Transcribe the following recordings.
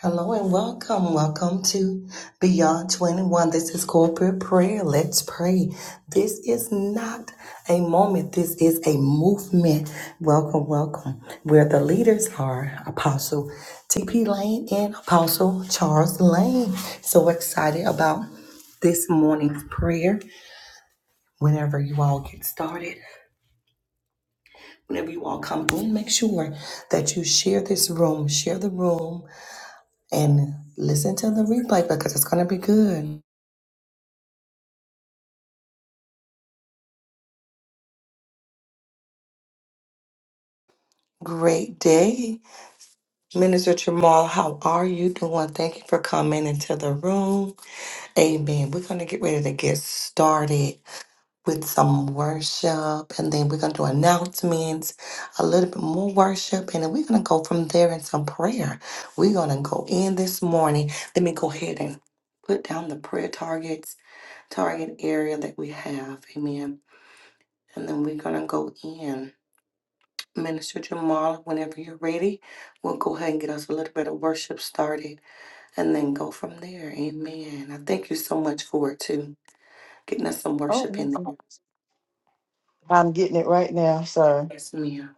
Hello and welcome. Welcome to Beyond 21. This is corporate prayer. Let's pray. This is not a moment, this is a movement. Welcome, welcome. Where the leaders are Apostle TP Lane and Apostle Charles Lane. So excited about this morning's prayer. Whenever you all get started, whenever you all come in, make sure that you share this room, share the room and listen to the replay because it's going to be good. Great day. Minister Jamal, how are you doing? Thank you for coming into the room. Amen. We're going to get ready to get started with some worship and then we're going to do announcements, a little bit more worship, and then we're going to go from there in some prayer. We're going to go in this morning. Let me go ahead and put down the prayer targets, target area that we have. Amen. And then we're going to go in. Minister Jamal, whenever you're ready, we'll go ahead and get us a little bit of worship started and then go from there. Amen. I thank you so much for it too. Getting us some Oh, worship in amazing. there. I'm getting it right now. sir. Yes, ma'am.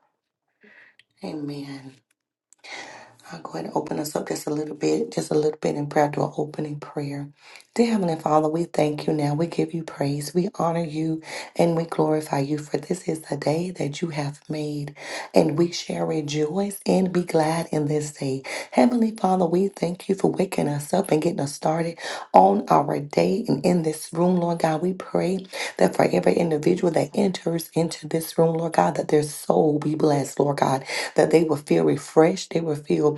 Amen. I'll go ahead and open us up just a little bit, just a little bit in prayer to an opening prayer. Dear Heavenly Father, we thank you now. We give you praise. We honor you and we glorify you, for this is the day that you have made, and we shall rejoice and be glad in this day. Heavenly Father, we thank you for waking us up and getting us started on our day and in this room, Lord God. We pray that for every individual that enters into this room, Lord God, that their soul be blessed, Lord God, that they will feel refreshed, they will feel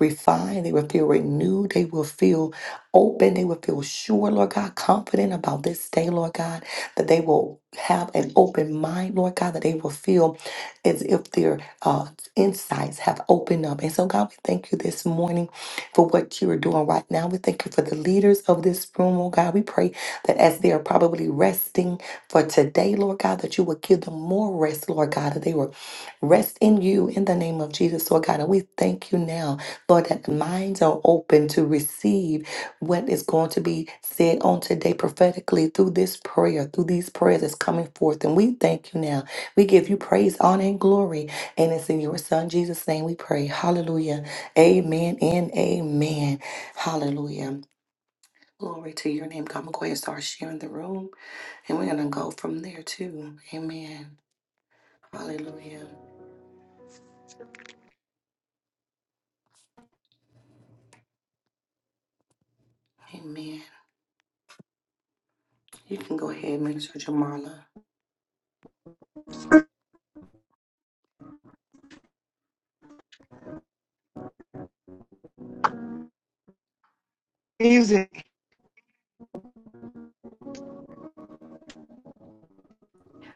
refined, they will feel renewed, they will feel open, they will feel sure, Lord God, confident about this day, Lord God, that they will have an open mind, Lord God, that they will feel as if their uh, insights have opened up. And so, God, we thank you this morning for what you are doing right now. We thank you for the leaders of this room, oh God. We pray that as they are probably resting for today, Lord God, that you will give them more rest, Lord God, that they will Rest in you in the name of Jesus, Lord God. And we thank you now, Lord, that the minds are open to receive what is going to be said on today prophetically through this prayer, through these prayers that's coming forth. And we thank you now. We give you praise, honor, and glory. And it's in your Son, Jesus' name, we pray. Hallelujah. Amen and amen. Hallelujah. Glory to your name. Come and go ahead and start sharing the room. And we're going to go from there too. Amen. Hallelujah. Amen. You can go ahead, Minister Jamala. Music.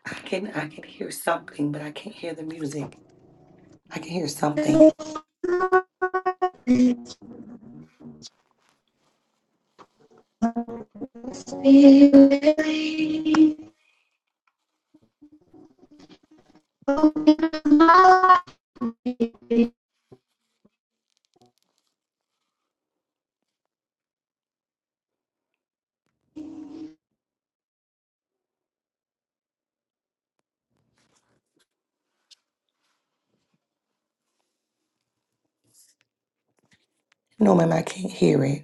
I can I can hear something, but I can't hear the music. I can hear something. No, ma'am, I can't hear it.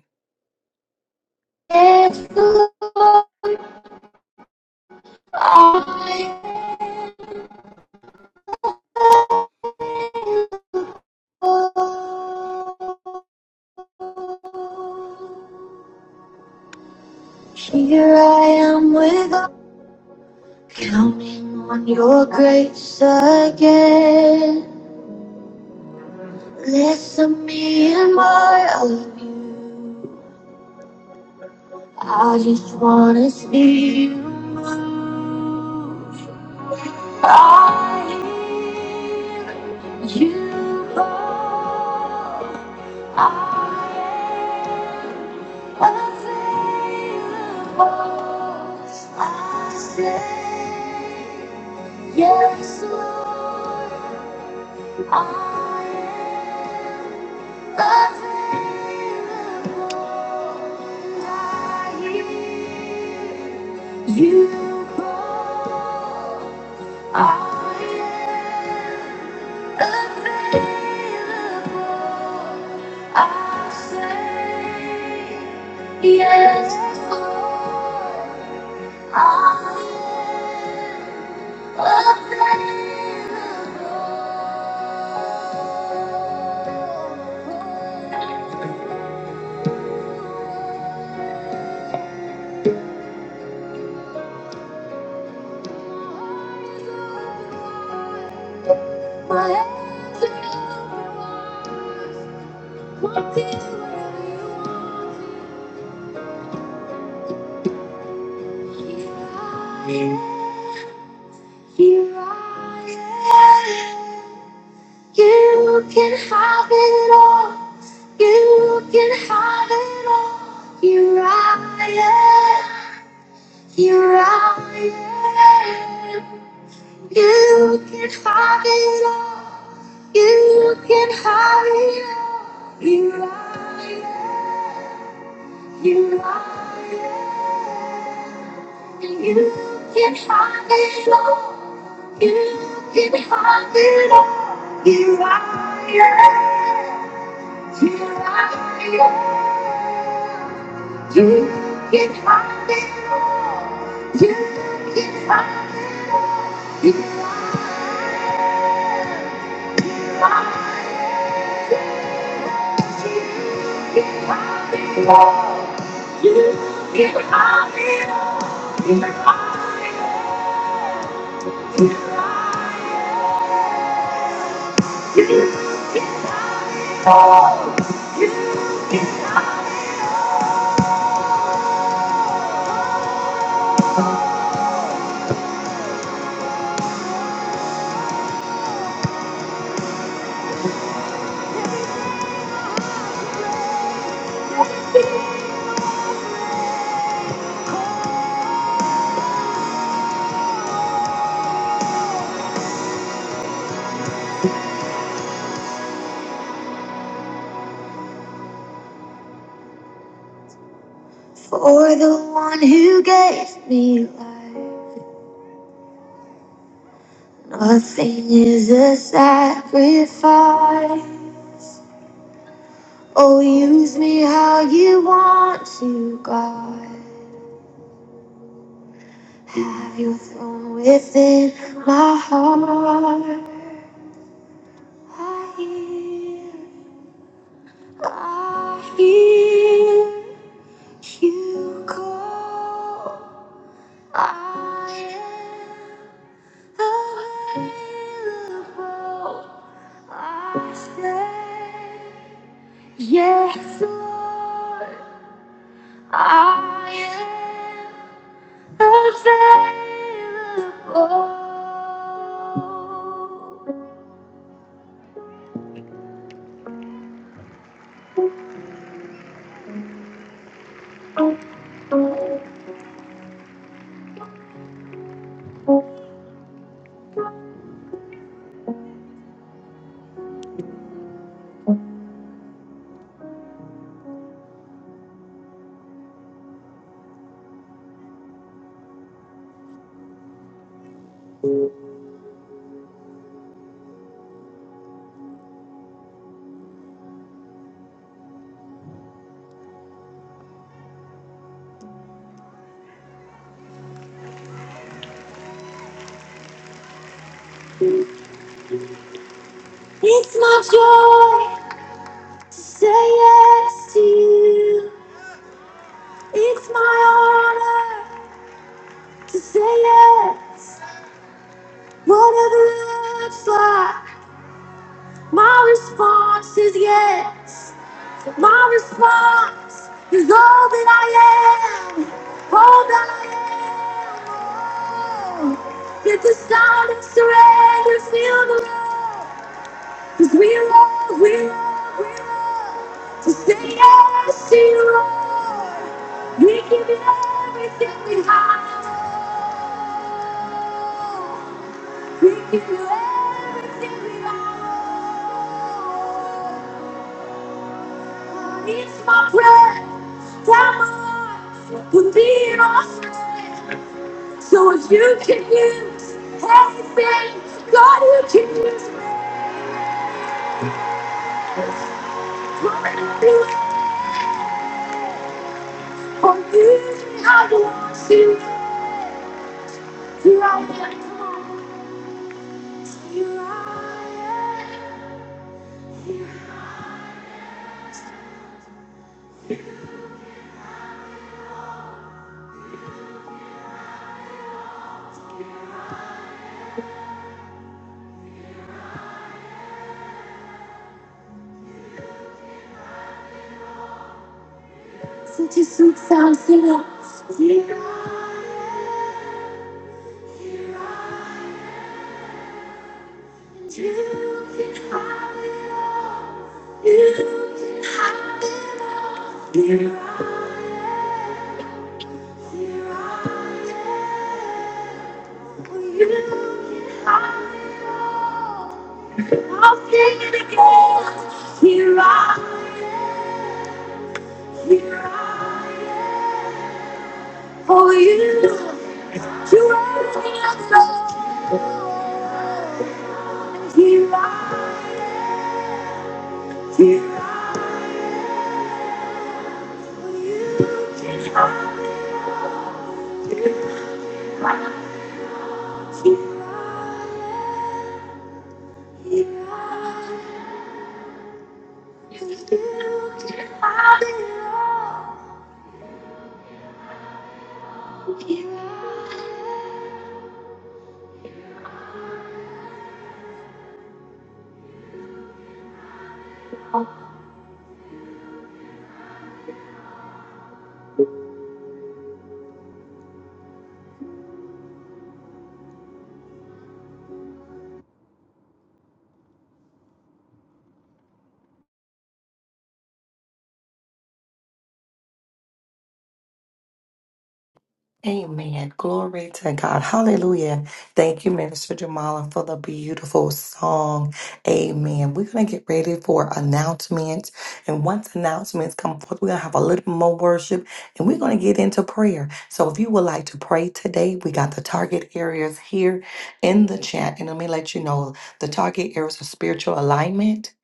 Amen. Glory to God. Hallelujah. Thank you, Minister Jamala, for the beautiful song. Amen. We're going to get ready for announcements. And once announcements come forth, we're going to have a little more worship and we're going to get into prayer. So if you would like to pray today, we got the target areas here in the chat. And let me let you know the target areas are spiritual alignment,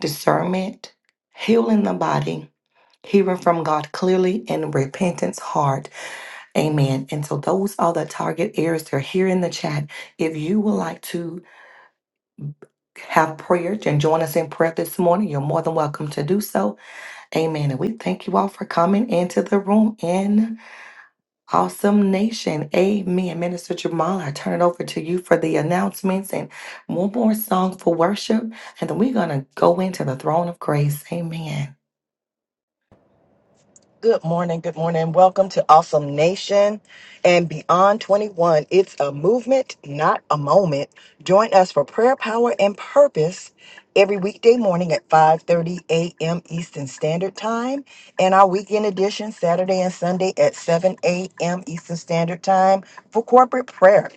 discernment, healing the body. Hearing from God clearly and repentance heart. Amen. And so those are the target areas. They're here in the chat. If you would like to have prayer and join us in prayer this morning, you're more than welcome to do so. Amen. And we thank you all for coming into the room in Awesome Nation. Amen. Minister Jamal, I turn it over to you for the announcements and one more song for worship. And then we're going to go into the throne of grace. Amen. Good morning. Good morning. Welcome to Awesome Nation and Beyond 21. It's a movement, not a moment. Join us for prayer, power, and purpose every weekday morning at 5:30 a.m. Eastern Standard Time and our weekend edition Saturday and Sunday at 7 a.m. Eastern Standard Time for corporate prayer.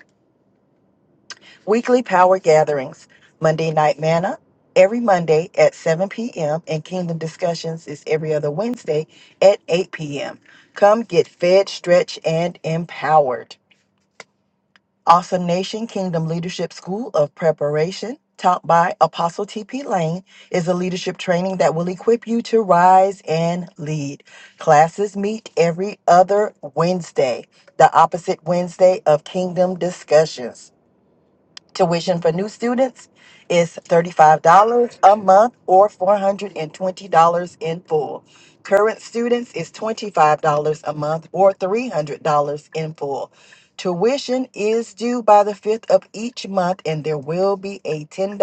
Weekly power gatherings, Monday Night Manna, every Monday at 7 p.m., and Kingdom Discussions is every other Wednesday at 8 p.m. Come get fed, stretched, and empowered. Awesome Nation Kingdom Leadership School of Preparation, taught by Apostle T.P. Lane, is a leadership training that will equip you to rise and lead. Classes meet every other Wednesday, the opposite Wednesday of Kingdom Discussions. Tuition for new students is $35 a month or $420 in full. Current students is $25 a month or $300 in full. Tuition is due by the 5th of each month and there will be a $10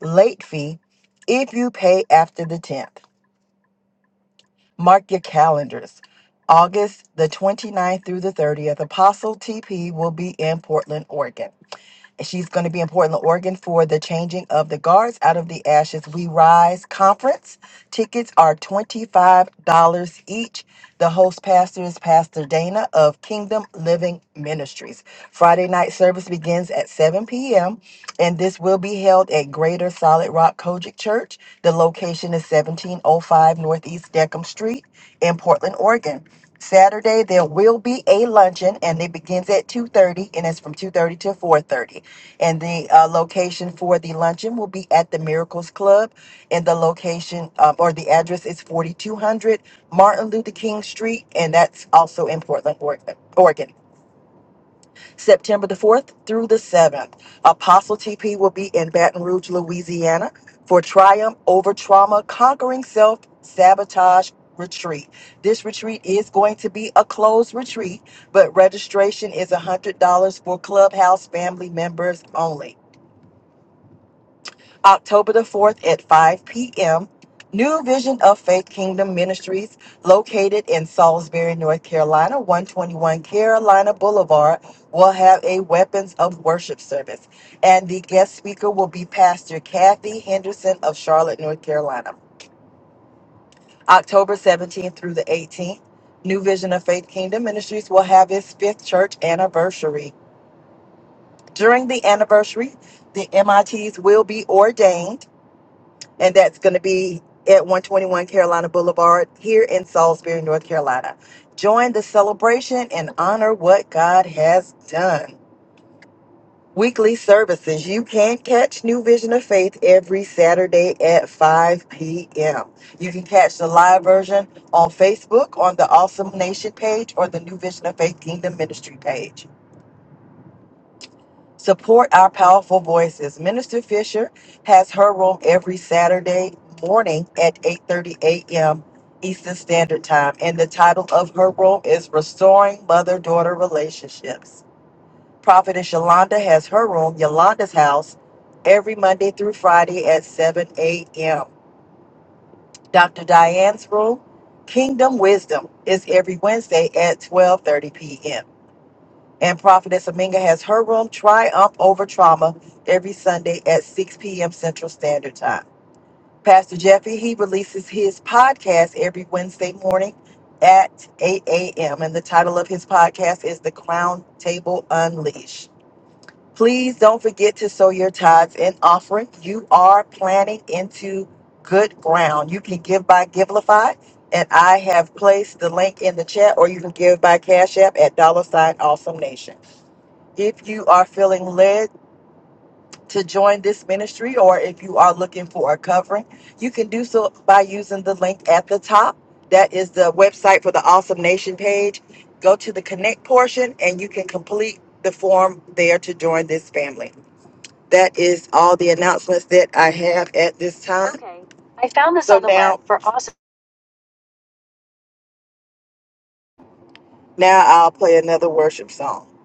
late fee if you pay after the 10th. Mark your calendars. August the 29th through the 30th, Apostle TP will be in Portland, Oregon. She's going to be in Portland, Oregon for the Changing of the Guards Out of the Ashes We Rise conference. Tickets are $25 each. The host pastor is Pastor Dana of Kingdom Living Ministries. Friday night service begins at 7 p.m. and this will be held at Greater Solid Rock Kojic Church. The location is 1705 Northeast Deckham Street in Portland, Oregon. Saturday there will be a luncheon and it begins at 2:30 and it's from 2:30 to 4:30. And the uh, location for the luncheon will be at the Miracles Club. And the location um, or the address is 4200 Martin Luther King Street. And that's also in Portland, Oregon. Oregon. September the 4th through the 7th. Apostle TP will be in Baton Rouge, Louisiana for Triumph Over Trauma Conquering Self Sabotage Retreat. This retreat is going to be a closed retreat, but registration is $100 for Clubhouse family members only. October the 4th at 5 p.m. New Vision of Faith Kingdom Ministries, located in Salisbury, North Carolina, 121 Carolina Boulevard, will have a Weapons of Worship service. And the guest speaker will be Pastor Kathy Henderson of Charlotte, North Carolina. October 17th through the 18th, New Vision of Faith Kingdom Ministries will have its fifth church anniversary. During the anniversary, the MITs will be ordained and that's going to be at 121 Carolina Boulevard here in Salisbury, North Carolina. Join the celebration and honor what God has done. Weekly services. You can catch New Vision of Faith every Saturday at 5 p.m. You can catch the live version on Facebook on the Awesome Nation page or the New Vision of Faith Kingdom Ministry page. Support our powerful voices. Minister Fisher has her room every Saturday morning at 8:30 a.m. Eastern Standard Time, and the title of her room is Restoring Mother-Daughter Relationships. Prophetess Yolanda has her room, Yolanda's House, every Monday through Friday at 7 a.m. Dr. Diane's room, Kingdom Wisdom, is every Wednesday at 12:30 p.m. And Prophetess Aminga has her room, Triumph Over Trauma, every Sunday at 6 p.m. Central Standard Time. Pastor Jeffy, he releases his podcast every Wednesday morning at 8 a.m. And the title of his podcast is The Crown Table Unleashed. Please don't forget to sow your tithes and offering. You are planting into good ground. You can give by Givelify, and I have placed the link in the chat, or you can give by Cash App at dollar sign awesome nation. If you are feeling led to join this ministry or if you are looking for a covering, you can do so by using the link at the top. That is the website for the Awesome Nation page. Go to the connect portion and you can complete the form there to join this family. That is all the announcements that I have at this time. Now I'll play another worship song.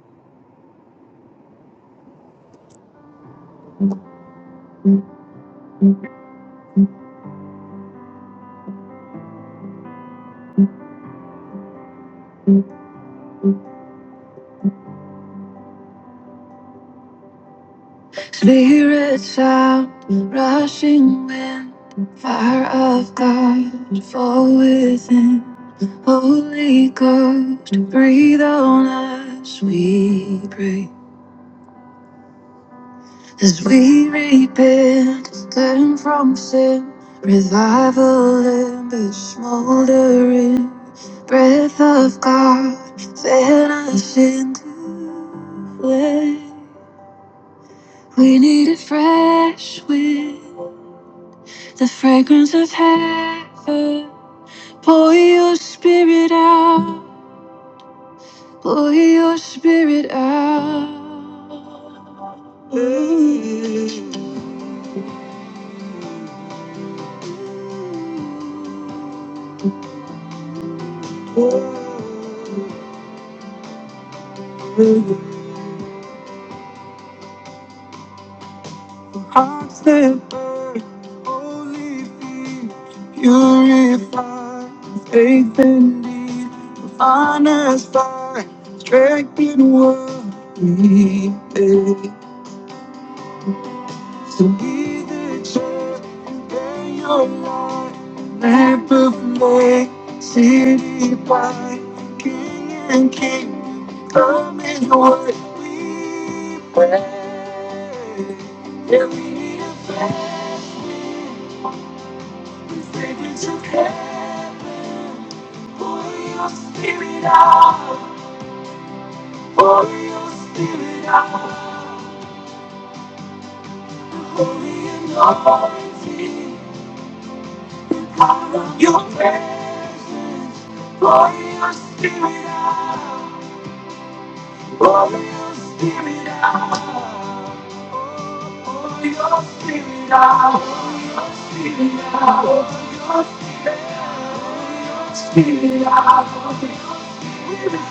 Salvation, Holy God, breath, sweet As we repent and turn from sin, revival embers smoldering, breath of God, fan us into flame. We need a fresh wind, the fragrance of heaven. Pour your spirit out, pour your spirit out. Let it burn, holy fear. Purify faith and need of honest by strengthened word we pay. So be the church and bear your light, lamp of light, city by King and King, come is what we pray. Yeah, we need a fast wind, we think it's okay. Holy Spirit, ah, Holy Spirit, ah, Holy and anointing, you pray. Holy Spirit, ah, Holy Spirit, ah, Holy Spirit, ah, Spirit, ah, Holy Spirit, ah, Holy Spirit, ah, Holy Spirit, ah, Holy Spirit,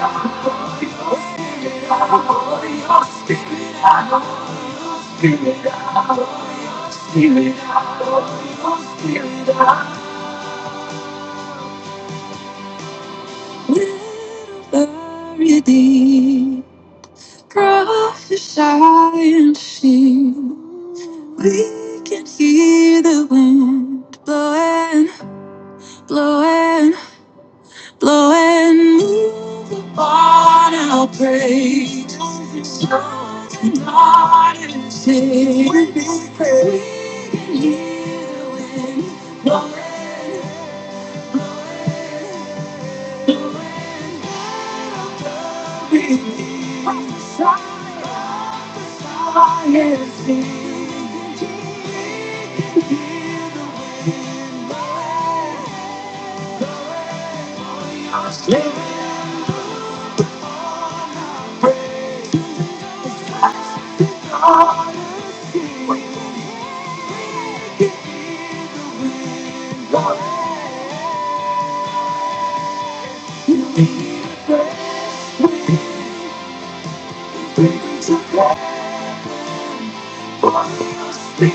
ah, Holy Spirit, ah, Very deep, prophesy and sing. We can hear the wind blowing, blowing, blowing. Move upon our praise. Sing. We praise. I am free. Live on, Lord. Be free. be free to God. Holy Spirit,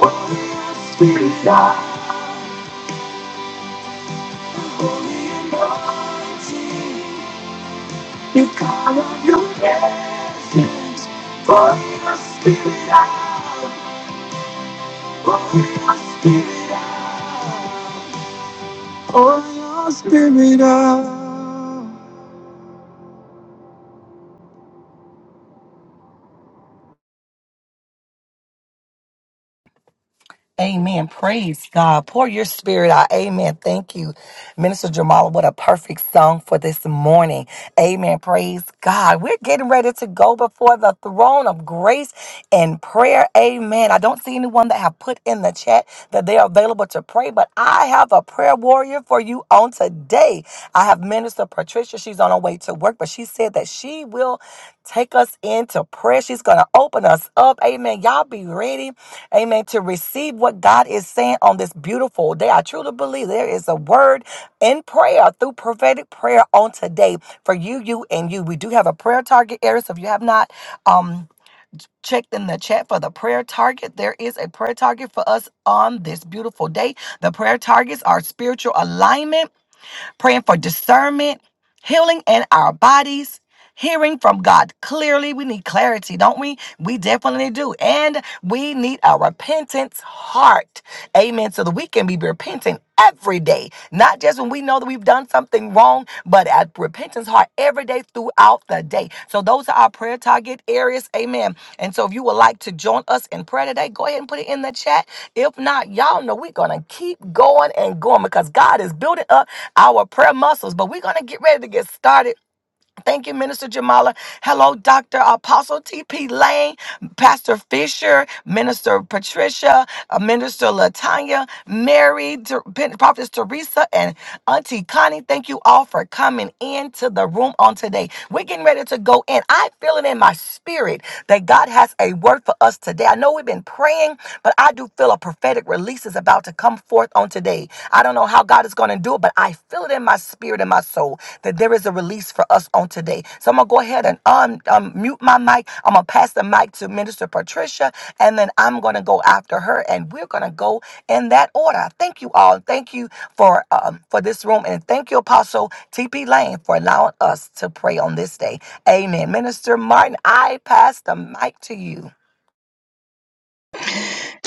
Holy Spirit, you come and you go. Holy Spirit, Holy Spirit, Holy Spirit. Amen. Praise God. Pour your spirit out. Amen. Thank you, Minister Jamala. What a perfect song for this morning. Amen. Praise God. We're getting ready to go before the throne of grace and prayer. Amen. I don't see anyone that have put in the chat that they are available to pray, but I have a prayer warrior for you on today. I have Minister Patricia. She's on her way to work, but she said that she will take us into prayer. She's going to open us up. Amen. Y'all be ready. Amen. To receive what God is saying on this beautiful day. I truly believe there is a word in prayer through prophetic prayer on today for you, you, and you. We do have a prayer target area. So if you have not um checked in the chat for the prayer target, there is a prayer target for us on this beautiful day. The prayer targets are spiritual alignment, praying for discernment, healing in our bodies hearing from God clearly. We need clarity, don't we? We definitely do. And we need a repentance heart. Amen. So that we can be repentant every day, not just when we know that we've done something wrong, but at repentance heart every day throughout the day. So those are our prayer target areas. Amen. And so if you would like to join us in prayer today, go ahead and put it in the chat. If not, y'all know we're going to keep going and going because God is building up our prayer muscles, but we're going to get ready to get started Thank you, Minister Jamala. Hello, Dr. Apostle TP Lane, Pastor Fisher, Minister Patricia, uh, Minister Latanya, Mary, Ter- Pen- Prophetess Teresa, and Auntie Connie. Thank you all for coming into the room on today. We're getting ready to go in. I feel it in my Spirit that God has a word for us today. I know we've been praying, but I do feel a prophetic release is about to come forth on today. I don't know how God is going to do it, but I feel it in my spirit and my soul that there is a release for us on today. So I'm going to go ahead and un- um, mute my mic. I'm going to pass the mic to Minister Patricia, and then I'm going to go after her, and we're going to go in that order. Thank you all. Thank you for um, for this room, and thank you, Apostle T.P. Lane, for allowing us to pray on this day. Amen. Minister Martin, I pass the mic to you.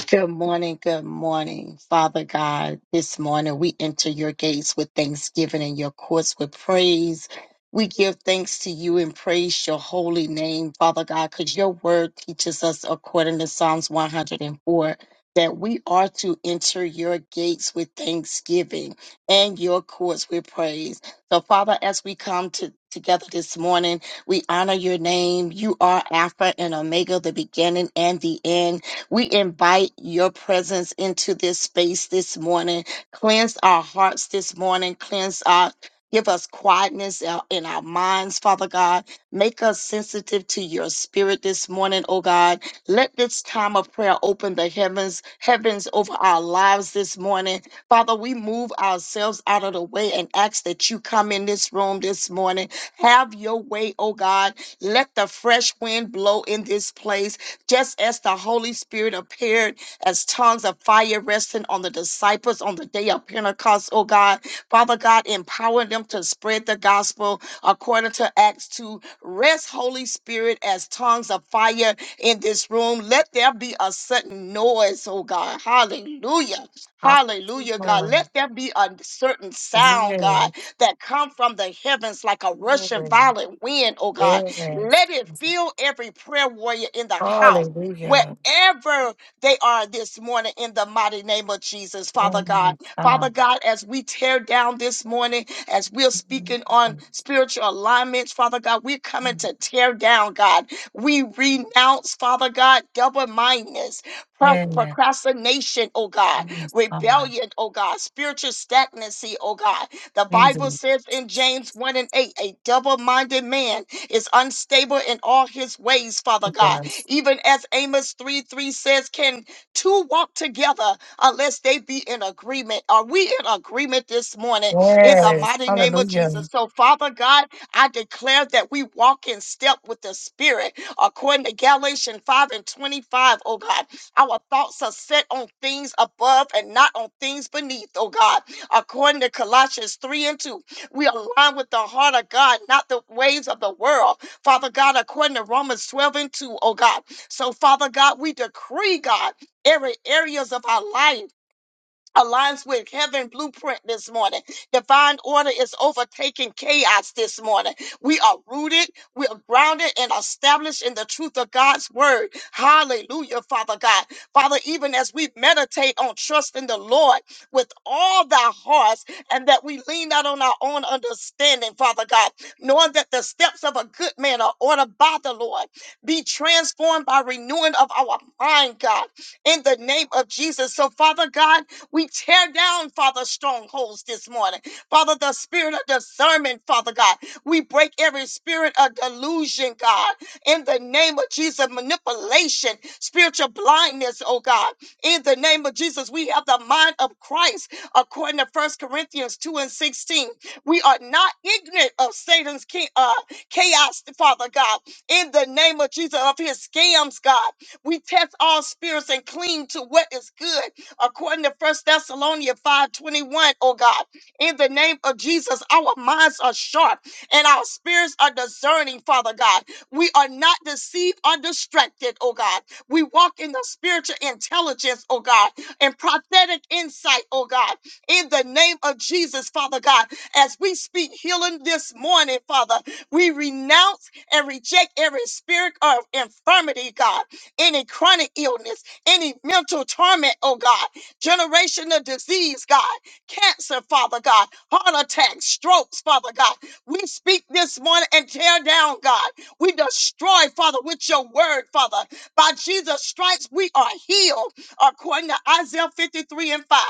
Good morning, good morning, Father God. This morning we enter your gates with thanksgiving and your courts with praise. We give thanks to you and praise your holy name, Father God, because your word teaches us, according to Psalms 104, that we are to enter your gates with thanksgiving and your courts with praise. So, Father, as we come to Together this morning, we honor your name. You are Alpha and Omega, the beginning and the end. We invite your presence into this space this morning. Cleanse our hearts this morning. Cleanse our Give us quietness in in our minds, Father God. Make us sensitive to your spirit this morning, oh God. Let this time of prayer open the heavens, heavens over our lives this morning. Father, we move ourselves out of the way and ask that you come in this room this morning. Have your way, oh God. Let the fresh wind blow in this place just as the Holy Spirit appeared as tongues of fire resting on the disciples on the day of Pentecost, oh God. Father God, empower them to spread the gospel according to Acts 2. Rest, Holy Spirit, as tongues of fire in this room. Let there be a sudden noise, oh God. Hallelujah. Hallelujah, God. Hallelujah. Let there be a certain sound, God, Yes. that come from the heavens like a rushing Glory. violent wind, oh God. Yes. Let it fill every prayer warrior in the house, Hallelujah. wherever they are this morning, in the mighty name of Jesus, Father Yes. God. Father God. God, as we tear down this morning, as we're Yes. speaking on spiritual alignments, Father God, we're coming to tear down, God. We renounce, Father God, double mindedness, pro- procrastination, oh God, God. rebellion, oh God, spiritual stagnancy, oh God. The Jesus. Bible says in James 1 and 8, a double minded man is unstable in all his ways, Father God. Jesus. Even as Amos 3 3 says, can two walk together unless they be in agreement? Are we in agreement this morning in the Yes. mighty name of Hallelujah. Jesus? So, Father God, I declare that we walk in step with the Spirit according to Galatians 5 and 25, oh God. Our thoughts are set on things above and not on things beneath, oh God. According to Colossians 3 and 2, we align with the heart of God, not the ways of the world. Father God, according to Romans 12 and 2, oh God. So, Father God, we decree, God, every areas of our life aligns with heaven blueprint this morning. Divine order is overtaking chaos this morning. We are rooted, we are grounded and established in the truth of God's word. Hallelujah, Father God. Father, even as we meditate on trusting the Lord with all thy hearts and that we lean not on our own understanding, Father God, knowing that the steps of a good man are ordered by the Lord. Be transformed by renewing of our mind, God, in the name of Jesus. So, Father God, we tear down, Father, strongholds this morning. Father, the spirit of discernment, Father God. We break every spirit of delusion, God, in the name of Jesus, manipulation, spiritual blindness, oh God. In the name of Jesus, we have the mind of Christ, according to First Corinthians 2 and 16. We are not ignorant of Satan's cha- uh, chaos, Father God. In the name of Jesus, of his scams, God. We test all spirits and cling to what is good according to First Thessalonians 5:21, oh God. In the name of Jesus, our minds are sharp and our spirits are discerning, Father God. We are not deceived or distracted, oh God. We walk in the spiritual intelligence, oh God, and prophetic insight, oh God. In the name of Jesus, Father God, as we speak healing this morning, Father, we renounce and reject every spirit of infirmity, God, any chronic illness, any mental torment, oh God generational disease, God, cancer, Father God, heart attacks, strokes, Father God. We speak this morning and tear down, God. We destroy, Father, with your word, Father. By Jesus' stripes, we are healed, according to Isaiah 53 and 5.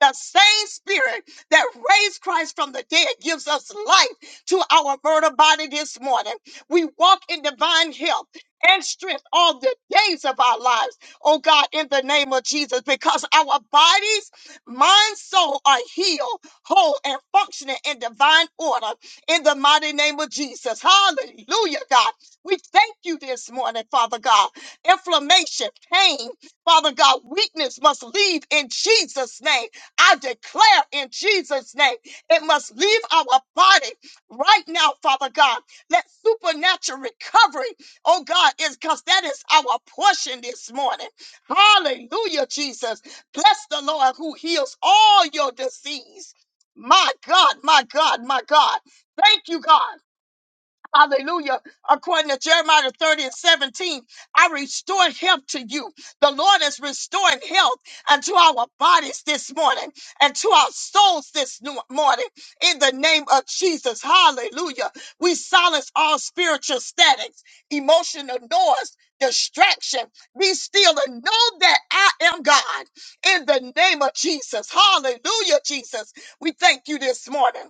The same spirit that raised Christ from the dead gives us life to our mortal body this morning. We walk in divine health and strength all the days of our lives oh God, in the name of Jesus, because our bodies, mind, soul are healed, whole, and functioning in divine order in the mighty name of Jesus. Hallelujah, God. We thank you this morning, Father God. Inflammation, pain, Father God, weakness must leave in Jesus' name. I declare in Jesus' name, it must leave our body right now, Father God. Let supernatural recovery, oh God, is because that is our portion this morning. Hallelujah, Jesus. Bless the Lord who heals all your disease. My God, my God, my God. Thank you, God. Hallelujah. According to Jeremiah 30 and 17, I restore health to you. The Lord is restoring health unto our bodies this morning and to our souls this no- morning in the name of Jesus. Hallelujah. We silence all spiritual statics, emotional noise, distraction. Be still and know that I am God in the name of Jesus. Hallelujah, Jesus. We thank you this morning.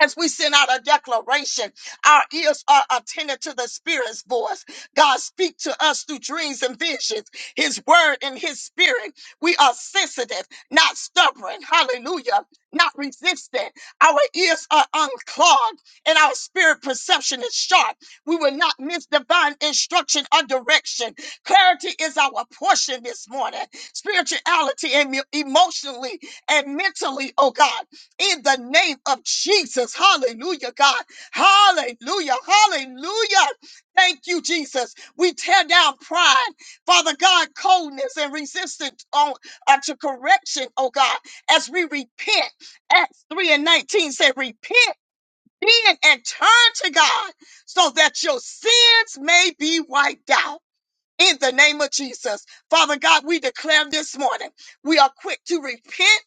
As we send out a declaration, our ears are attentive to the Spirit's voice. God speak to us through dreams and visions, His word and His spirit. We are sensitive, not stubborn. Hallelujah. Not resistant. Our ears are unclogged and our spirit perception is sharp. We will not miss divine instruction or direction. Clarity is our portion this morning. Spirituality and me- emotionally and mentally, oh God in the name of Jesus. Hallelujah, God. Hallelujah. Hallelujah. Thank you, Jesus. We tear down pride, Father God, coldness and resistance on, uh, to correction, oh God, as we repent. Acts 3 and 19 said, Repent then and turn to God so that your sins may be wiped out in the name of Jesus. Father God, we declare this morning we are quick to repent.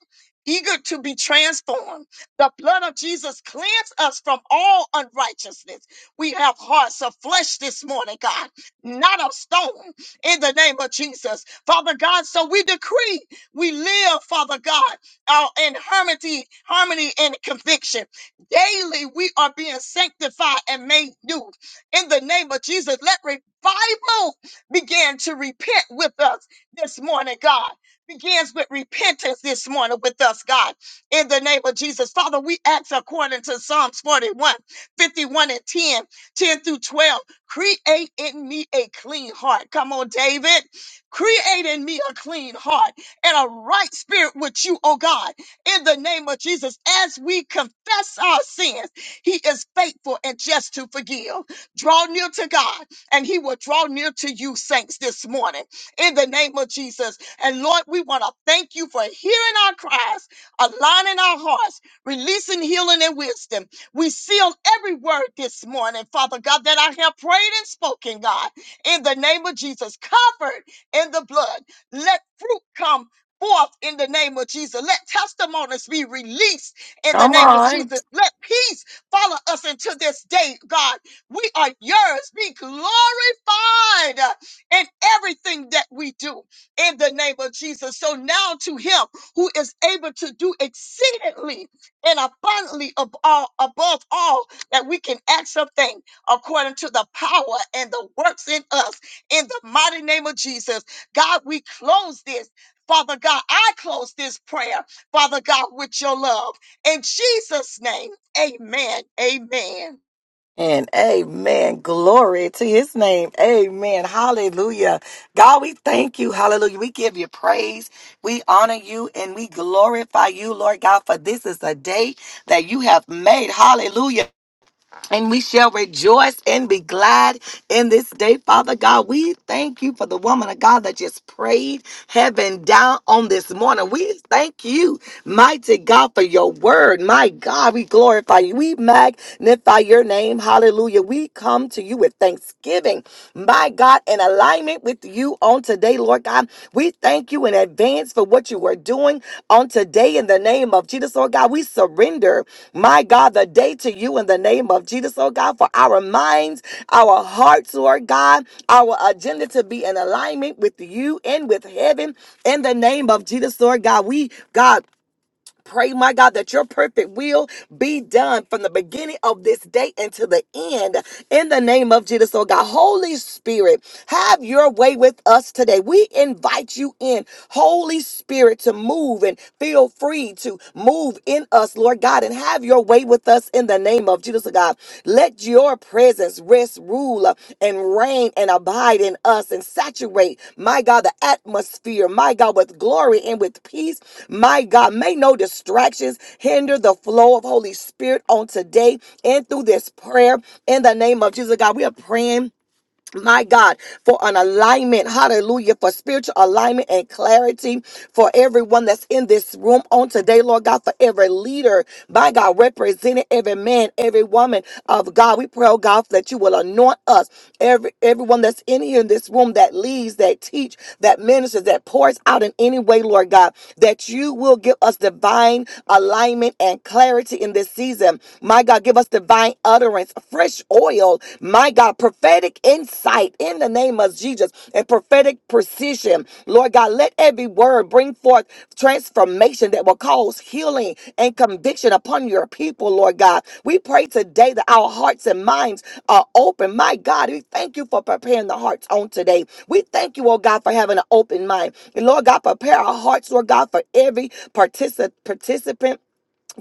Eager to be transformed. The blood of Jesus cleans us from all unrighteousness. We have hearts of flesh this morning, God, not of stone, in the name of Jesus. Father God, so we decree we live, Father God, our in harmony, harmony and conviction. Daily we are being sanctified and made new. In the name of Jesus, let revival began to repent with us this morning, God. Begins with repentance this morning with us, God, in the name of Jesus. Father, we ask according to Psalms 41, 51, and 10, 10 through 12, create in me a clean heart. Come on, David. Create in me a clean heart and a right spirit with you, oh God, in the name of Jesus. As we confess our sins, He is faithful and just to forgive. Draw near to God and he will draw near to you, saints, this morning in the name of Jesus. And Lord, we want to thank you for hearing our cries, aligning our hearts, releasing healing and wisdom. We seal every word this morning, Father God, that I have prayed and spoken, God, in the name of Jesus, covered in the blood. Let fruit come. Forth in the name of Jesus. Let testimonies be released in the Come name of on. Jesus. Let peace follow us into this day, God, we are yours. Be glorified in everything that we do in the name of Jesus. So now to him who is able to do exceedingly and abundantly of all, above all that we can ask or think, according to the power and the works in us in the mighty name of Jesus. God, we close this. Father God, I close this prayer, Father God, with your love. In Jesus' name, amen. Amen. And amen. Glory to his name. Amen. Hallelujah. God, we thank you. Hallelujah. We give you praise. We honor you and we glorify you, Lord God, for this is a day that you have made. Hallelujah and we shall rejoice and be glad in this day, Father God. We thank you for the woman of God that just prayed heaven down on this morning. We thank you, mighty God, for your word. My God, we glorify you. We magnify your name. Hallelujah. We come to you with thanksgiving, my God, in alignment with you on today, Lord God. We thank you in advance for what you are doing on today in the name of Jesus, Lord God. We surrender my God, the day to you in the name of Jesus, oh God, for our minds, our hearts, Lord God, our agenda to be in alignment with you and with heaven in the name of Jesus, Lord God. We, God, Pray, my God, that your perfect will be done from the beginning of this day until the end in the name of Jesus. Oh God, Holy Spirit, have your way with us today. We invite you in, Holy Spirit, to move and feel free to move in us, Lord God, and have your way with us in the name of Jesus. Oh God, let your presence rest, rule, uh, and reign and abide in us and saturate, my God, the atmosphere, my God, with glory and with peace my God, may no distractions hinder the flow of Holy Spirit on today and through this prayer in the name of Jesus. God, we are praying. My God, for an alignment, hallelujah, for spiritual alignment and clarity for everyone that's in this room on today, Lord God, for every leader, my God, represented every man, every woman of God. We pray, oh God, that you will anoint us, every everyone that's in here in this room that leads, that teach, that ministers, that pours out in any way, Lord Lord God, that you will give us divine alignment and clarity in this season. My God, give us divine utterance, fresh oil, my God, prophetic insight in the name of Jesus and prophetic precision. Lord God, let every word bring forth transformation that will cause healing and conviction upon your people, Lord God. We pray today that our hearts and minds are open. My God, we thank you for preparing the hearts on today. We thank you, oh God, for having an open mind. Lord God, prepare our hearts, Lord God, for every partici- participant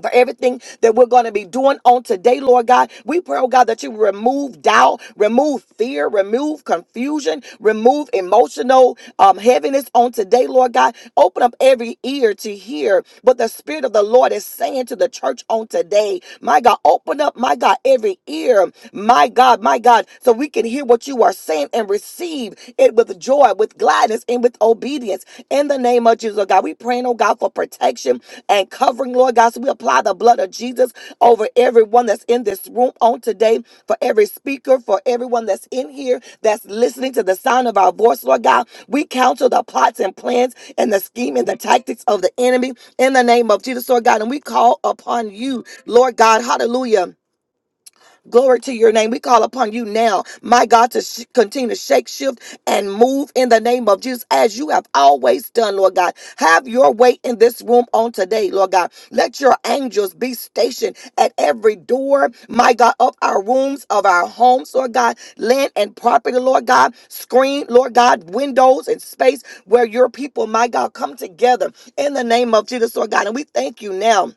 for everything that we're going to be doing on today, Lord God. We pray, oh God, that you remove doubt, remove fear, remove confusion, remove emotional um, heaviness on today, Lord God. Open up every ear to hear what the Spirit of the Lord is saying to the church on today. My God, open up, my God, every ear, my God, my God, so we can hear what you are saying and receive it with joy, with gladness, and with obedience. In the name of Jesus, oh God, we praying, oh God, for protection and covering, Lord God. So we apply the blood of Jesus over everyone that's in this room on today, for every speaker, for everyone that's in here that's listening to the sound of our voice, Lord God. We counsel the plots and plans and the scheme and the tactics of the enemy in the name of Jesus, Lord God. And we call upon you, Lord God. Hallelujah Glory to your name. We call upon you now, my God, to sh- continue to shake, shift, and move in the name of Jesus as you have always done, Lord God. Have your way in this room on today, Lord God. Let your angels be stationed at every door, my God, of our rooms, of our homes, Lord God, land and property, Lord God, screen, Lord God, windows and space where your people, my God, come together in the name of Jesus, Lord God. And we thank you now.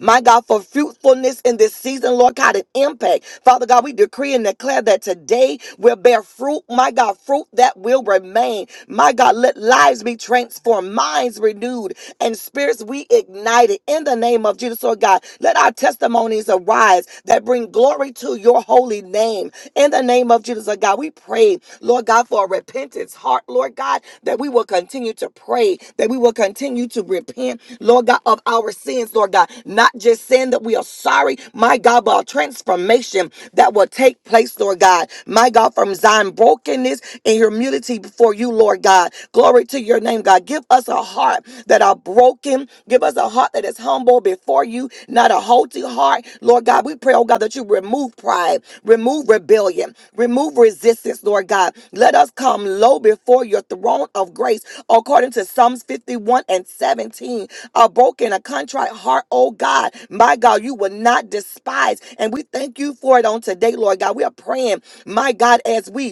My God, for fruitfulness in this season, Lord God, an impact. Father God, we decree and declare that today will bear fruit, my God, fruit that will remain. My God, let lives be transformed, minds renewed, and spirits we ignited in the name of Jesus, Lord God. Let our testimonies arise that bring glory to your holy name in the name of Jesus, Lord God. We pray, Lord God, for a repentance heart, Lord God, that we will continue to pray, that we will continue to repent, Lord God, of our sins, Lord God, not just sins saying that we are sorry, my God, but a transformation that will take place, Lord God. My God, from Zion brokenness and humility before you, Lord God. Glory to your name, God. Give us a heart that are broken. Give us a heart that is humble before you, not a haughty heart. Lord God, we pray, oh God, that you remove pride, remove rebellion, remove resistance, Lord God. Let us come low before your throne of grace, according to Psalms 51 and 17 a broken, a contrite heart, oh God. My God, you will not despise. And we thank you for it on today, Lord God. We are praying, my God, as we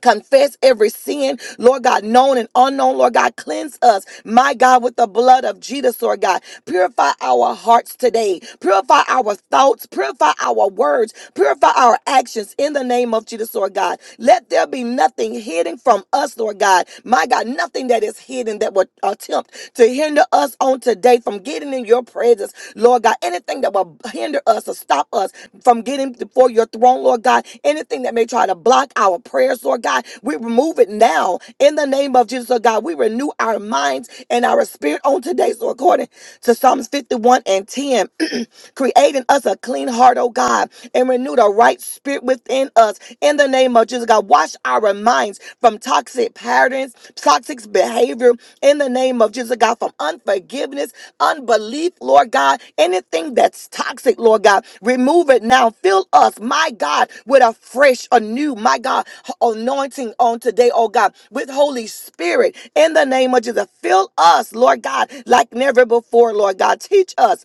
confess every sin, Lord God, known and unknown, Lord God, cleanse us, my God, with the blood of Jesus, Lord God. Purify our hearts today, purify our thoughts, purify our words, purify our actions in the name of Jesus, Lord God. Let there be nothing hidden from us, Lord God, my God, nothing that is hidden that would attempt to hinder us on today from getting in your presence, Lord God. Anything that will hinder us or stop us from getting before your throne, Lord God. Anything that may try to block our prayers, Lord God, we remove it now in the name of Jesus, Lord God. We renew our minds and our spirit on today. So according to Psalms 51 and 10. Create in us a clean heart, oh God, and renew the right spirit within us. In the name of Jesus, God, wash our minds from toxic patterns, toxic behavior. In the name of Jesus, God, from unforgiveness, unbelief, Lord God, anything that's toxic, Lord God, remove it now. Fill us, my God, with a fresh, a new, my God, anointing on today, oh God, with Holy Spirit. In the name of Jesus, fill us, Lord God, like never before, Lord God. Teach us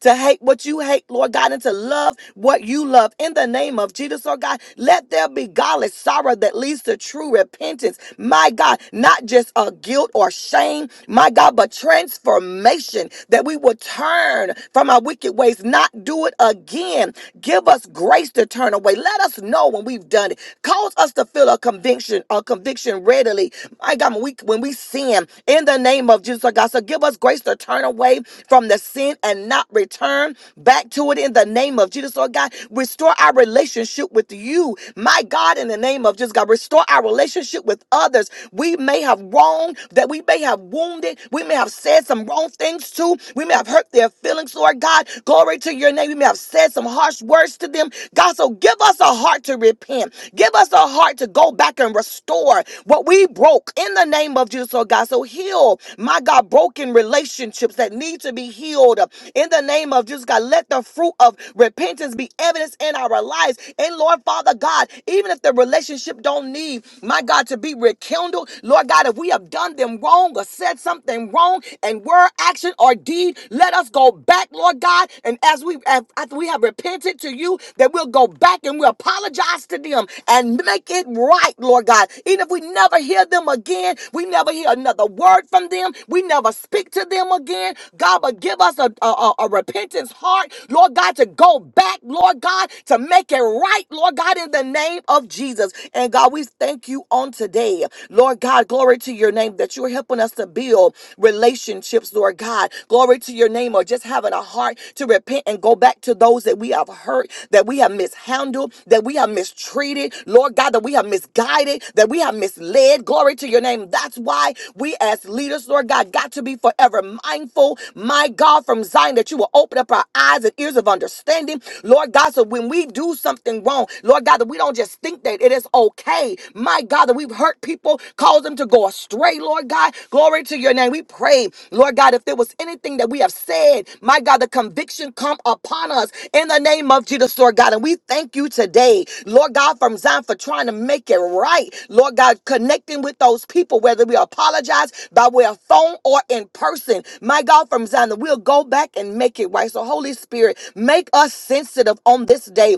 to hate what you hate, Lord God, and to love what you love. In the name of Jesus, Lord God, let there be godly sorrow that leads to true repentance. My God, not just a guilt or shame, my God, but transformation that we will turn from our wicked ways, not do it again. Give us grace to turn away. Let us know when we've done it. Cause us to feel a conviction, a conviction readily. My God, when we when we sin in the name of Jesus, Lord God. So give us grace to turn away from the sin and not return back to it in the name of Jesus, Lord God. Restore our relationship with you, my God, in the name of Jesus, God. Restore our relationship with others. We may have wronged, that we may have wounded, we may have said some wrong things to, We may have hurt their feelings, Lord God. Glory to your name. We may have said some harsh words to them, God. So give us a heart to repent. Give us a a heart to go back and restore what we broke in the name of Jesus, oh God. So heal, my God, broken relationships that need to be healed in the name of Jesus, God. Let the fruit of repentance be evidence in our lives. And Lord Father God, even if the relationship don't need, my God, to be rekindled, Lord God, if we have done them wrong or said something wrong and word, action, or deed, let us go back, Lord God. And as we, as we have repented to you, that we'll go back and we'll apologize to them and make it right, Lord God. Even if we never hear them again, we never hear another word from them, we never speak to them again, God, but give us a, a, a repentance heart, Lord God, to go back, Lord God, to make it right, Lord God, in the name of Jesus. And God, we thank you on today, Lord God, glory to your name that you're helping us to build relationships relationships, Lord God. Glory to your name, or just having a heart to repent and go back to those that we have hurt, that we have mishandled, that we have mistreated, Lord God, that we have misguided, that we have misled. Glory to your name. That's why we as leaders, Lord God, got to be forever mindful, my God, from Zion, that you will open up our eyes and ears of understanding, Lord God. So when we do something wrong, Lord God, that we don't just think that it is okay, my God, that we have We've hurt people, caused them to go astray, Lord God. Glory to your name. We pray, Lord God, if there was anything that we have said, my God, the conviction come upon us in the name of Jesus, Lord God. And we thank you today, Lord God, from Zion for trying to make it right. Lord God, connecting with those people, whether we apologize by way of phone or in person. My God, from Zion, that we'll go back and make it right. So, Holy Spirit, make us sensitive on this day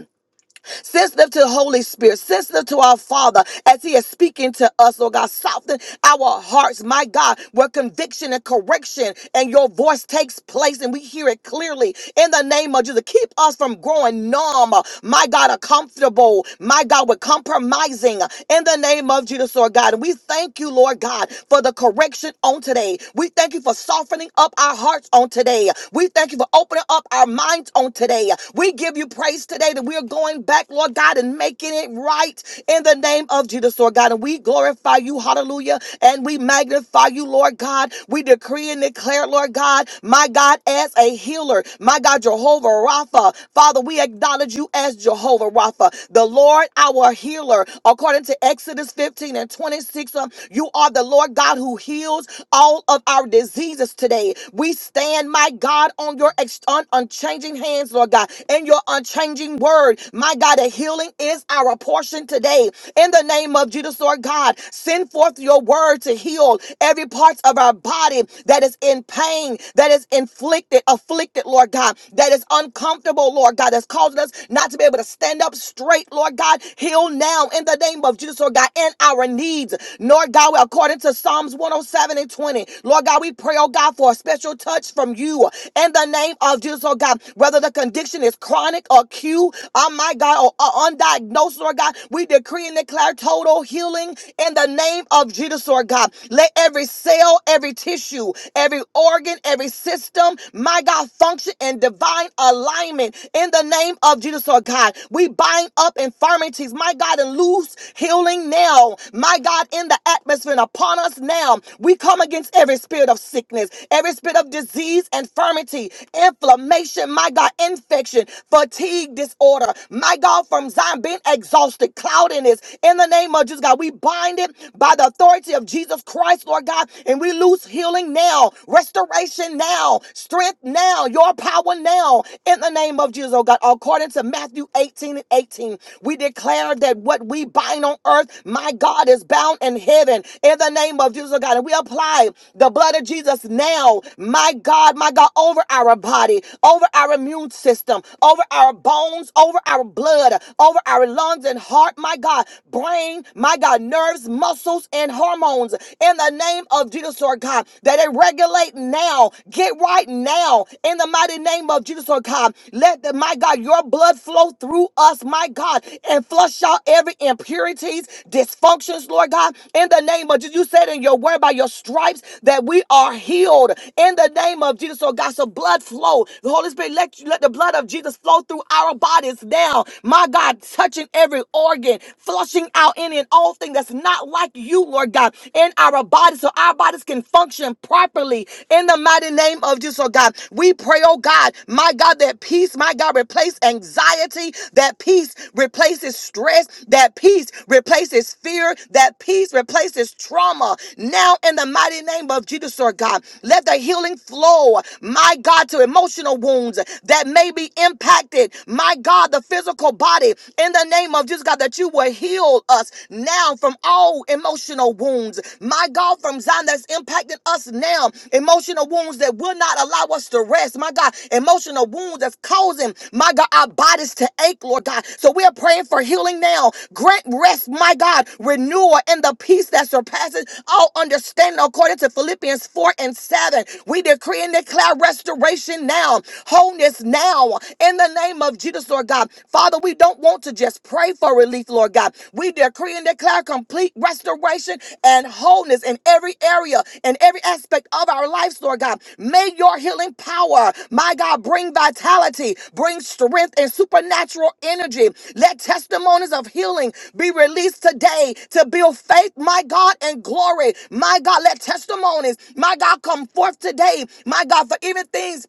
sensitive to the Holy Spirit, sensitive to our Father as He is speaking to us, Lord God. Soften our hearts, my God, where conviction and correction and your voice takes place and we hear it clearly in the name of Jesus. Keep us from growing numb, my God, or comfortable, my God, with compromising in the name of Jesus, Lord God. And we thank you, Lord God, for the correction on today. We thank you for softening up our hearts on today. We thank you for opening up our minds on today. We give you praise today that we are going going back, Lord God, and making it right in the name of Jesus, Lord God. And we glorify you, hallelujah, and we magnify you, Lord God. We decree and declare, Lord God, my God, as a healer, my God, Jehovah Rapha. Father, we acknowledge you as Jehovah Rapha, the Lord our healer. According to Exodus 15 and 26, um, you are the Lord God who heals all of our diseases today. We stand, my God, on your ex- un- unchanging hands, Lord God, and your unchanging word. My God, that healing is our portion today. In the name of Jesus, Lord God, send forth your word to heal every part of our body that is in pain, that is inflicted, afflicted, Lord God, that is uncomfortable, Lord God, that's causing us not to be able to stand up straight, Lord God. Heal now in the name of Jesus, Lord God, and our needs. Lord God, according to Psalms 107 and 20, Lord God, we pray, oh God, for a special touch from you in the name of Jesus, oh God, whether the condition is chronic or acute, oh my God, or or undiagnosed, Lord God. We decree and declare total healing in the name of Jesus, Lord God. Let every cell, every tissue, every organ, every system, my God, function in divine alignment in the name of Jesus, Lord God. We bind up infirmities, my God, and loose healing now, my God, in the atmosphere and upon us now. We come against every spirit of sickness, every spirit of disease, infirmity, inflammation, my God, infection fatigue disorder. My God, from Zion, being exhausted, cloudiness. In the name of Jesus, God, we bind it by the authority of Jesus Christ, Lord God, and we lose healing now, restoration now, strength now, your power now. In the name of Jesus, oh God, according to Matthew 18 and 18, we declare that what we bind on earth, my God, is bound in heaven. In the name of Jesus, oh God, and we apply the blood of Jesus now, my God, my God, over our body, over our immune system system, over our bones, over our blood, over our lungs and heart, my God, brain, my God, nerves, muscles, and hormones. In the name of Jesus, Lord God, that they regulate now, get right now. In the mighty name of Jesus, Lord God, let the, my God, your blood flow through us, my God, and flush out every impurities, dysfunctions, Lord God. In the name of Jesus, you said in your word by your stripes that we are healed. In the name of Jesus, Lord God, so blood flow. The Holy Spirit, let you let the blood of Jesus flow through our bodies now. My God, touching every organ, flushing out any and all thing that's not like you, Lord God, in our bodies so our bodies can function properly in the mighty name of Jesus, oh God. We pray, oh God, my God, that peace, my God, replace anxiety, that peace replaces stress, that peace replaces fear, that peace replaces trauma. Now, in the mighty name of Jesus, Lord God, let the healing flow, my God, to emotional wounds wounds that may be impacted. My God, the physical body, in the name of Jesus, God, that you will heal us now from all emotional wounds. My God, from Zion that's impacting us now, emotional wounds that will not allow us to rest. My God, emotional wounds that's causing, my God, our bodies to ache, Lord God. So we are praying for healing now. Grant rest, my God, renewal and the peace that surpasses all understanding, according to Philippians 4 and 7. We decree and declare restoration now down wholeness now in the name of Jesus, Lord God. Father, we don't want to just pray for relief, Lord God. We decree and declare complete restoration and wholeness in every area and every aspect of our lives, Lord God. May your healing power, my God, bring vitality, bring strength and supernatural energy. Let testimonies of healing be released today to build faith, my God, and glory. My God, let testimonies, my God, come forth today. My God, for even things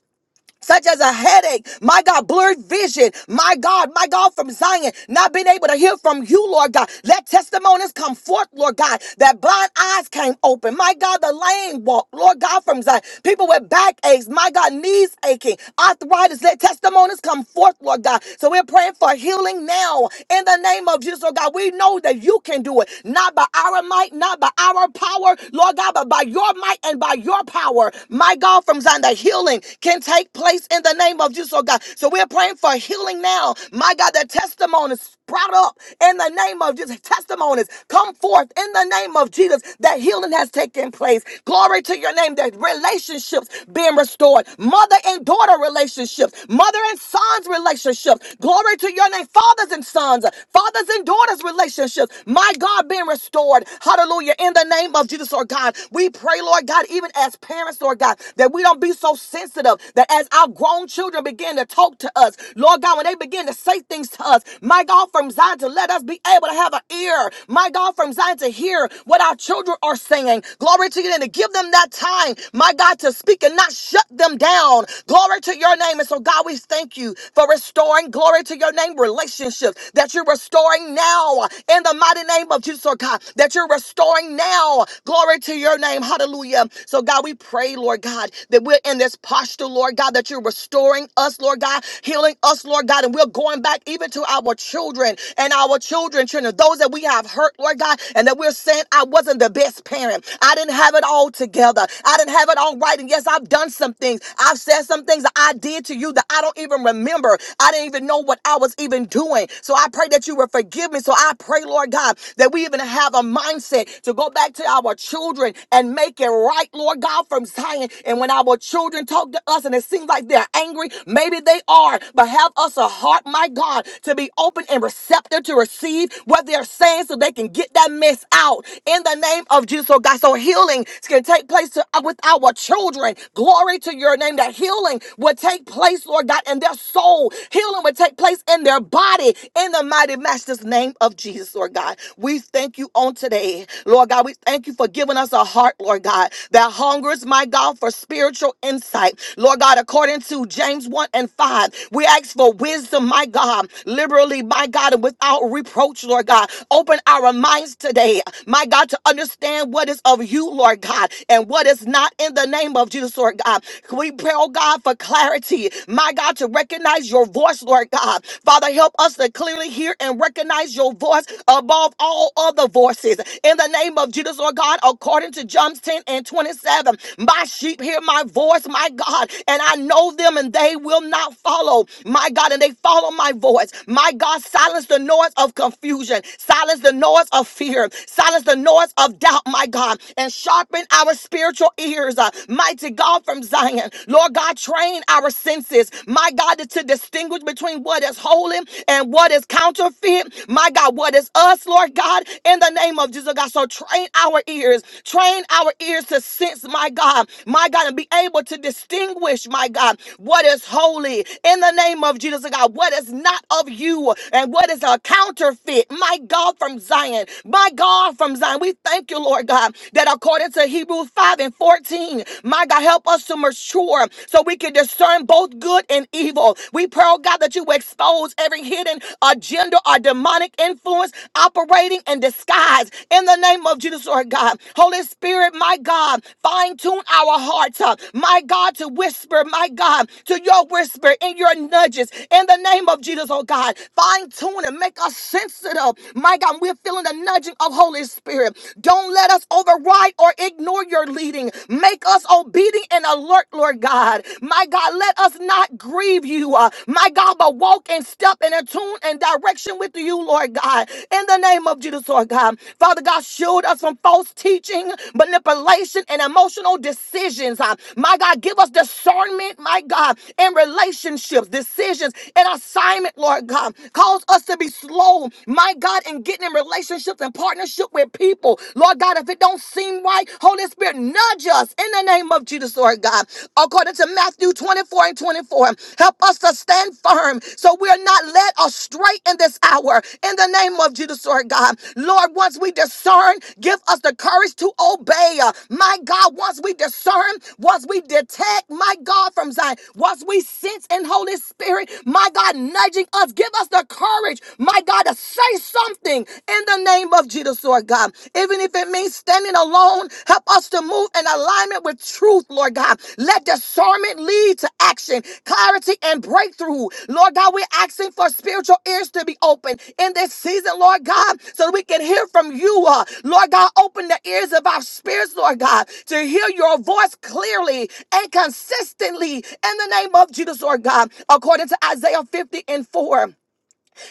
such as a headache, my God, blurred vision, my God, my God, from Zion, not being able to hear from you, Lord God. Let testimonies come forth, Lord God, that blind eyes came open, my God, the lame walk, Lord God, from Zion, people with backaches, my God, knees aching, arthritis, let testimonies come forth, Lord God. So we're praying for healing now in the name of Jesus, Lord God. We know that you can do it, not by our might, not by our power, Lord God, but by your might and by your power, my God, from Zion, that healing can take place in the name of Jesus, oh God. So we're praying for healing now. My God, that testimonies sprout up in the name of Jesus. Testimonies come forth in the name of Jesus that healing has taken place. Glory to your name that relationships being restored. Mother and daughter relationships, mother and sons relationships. Glory to your name. Fathers and sons, fathers and daughters relationships. My God being restored. Hallelujah. In the name of Jesus, or God, we we pray, Lord God, even as parents, Lord God, that we don't be so sensitive that as our grown children begin to talk to us, Lord God, when they begin to say things to us, my God, from Zion to let us be able to have an ear, my God, from Zion to hear what our children are saying. Glory to you, and to give them that time, my God, to speak and not shut them down. Glory to your name. And so, God, we thank you for restoring, glory to your name, relationships that you're restoring now in the mighty name of Jesus, oh God, that you're restoring restoring now. Glory to your name. Hallelujah. So, God, we pray, Lord God, that we're in this posture, Lord God, that you're restoring us, Lord God, healing us, Lord God, and we're going back even to our children and our children, children, those that we have hurt, Lord God, and that we're saying, I wasn't the best parent. I didn't have it all together. I didn't have it all right. And yes, I've done some things. I've said some things that I did to you that I don't even remember. I didn't even know what I was even doing. So I pray that you will forgive me. So I pray pray, Lord God, that we even have a mindset to go back to our children and make it right, Lord God, from Zion. And when our children talk to us and it seems like they're angry, maybe they are, but have us a heart, my God, to be open and receptive to receive what they're saying so they can get that mess out in the name of Jesus, oh God. So healing can take place to, with our children. Glory to your name. That healing will take place, Lord God, in their soul. Healing will take place in their body body in the mighty master's name of Jesus, Lord God. We thank you on today, Lord God. We thank you for giving us a heart, Lord God, that hungers, my God, for spiritual insight. Lord God, according to James 1 and 5, we ask for wisdom, my God, liberally, my God, and without reproach, Lord God. Open our minds today, my God, to understand what is of you, Lord God, and what is not in the name of Jesus, Lord God. We pray, oh God, for clarity, my God, to recognize recognize your voice, Lord God. Father, help us to clearly hear and recognize your voice above all other voices. In the name of Jesus, Lord God, according to John 10 and 27, my sheep hear my voice, my God, and I know them and they will not follow, my God, and they follow my voice. My God, silence the noise of confusion, silence the noise of fear, silence the noise of doubt, my God, and sharpen our spiritual ears, uh, mighty God from Zion. Lord God, train our senses, my God, to to distinguish between what is holy and what is counterfeit, my God, what is us, Lord God, in the name of Jesus, God. So train our ears, train our ears to sense, my God, my God, and be able to distinguish, my God, what is holy in the name of Jesus, God, what is not of you and what is a counterfeit, my God, from Zion, my God, from Zion. We thank you, Lord God, that according to Hebrews 5 and 14, my God, help us to mature so we can discern both good and evil. We pray, oh God, that you expose every hidden agenda or demonic influence operating in disguise in the name of Jesus, Lord God. Holy Spirit, my God, fine tune our hearts, uh, my God, to whisper, my God, to your whisper in your nudges in the name of Jesus, oh God. Fine tune and make us sensitive, my God. We're feeling the nudging of Holy Spirit. Don't let us override fight or ignore your leading. Make us obedient and alert, Lord God. My God, let us not grieve you, uh, my God, but walk and step and attune and direction with you, Lord God. In the name of Jesus, Lord God. Father God, shield us from false teaching, manipulation, and emotional decisions. uh. my God, give us discernment, my God, in relationships, decisions, and assignment, Lord God. Cause us to be slow, my God, in getting in relationships and partnerships relationship with people. Lord God, if it don't seem right, Holy Spirit, nudge us in the name of Jesus, Lord God. According to Matthew 24 and 24, help us to stand firm so we are not led astray in this hour. In the name of Jesus, Lord God. Lord, once we discern, give us the courage to obey. My God, once we discern, once we detect, my God, from Zion, once we sense in Holy Spirit, my God, nudging us, give us the courage, my God, to say something in the name of Jesus, Lord God. Even if it means standing alone, help us to move in alignment with truth, Lord God. Let discernment lead to action, clarity, and breakthrough. Lord God, we're asking for spiritual ears to be open in this season, Lord God, so that we can hear from you. uh, Lord God, open the ears of our spirits, Lord God, to hear your voice clearly and consistently in the name of Jesus, Lord God, according to Isaiah 50 and 4.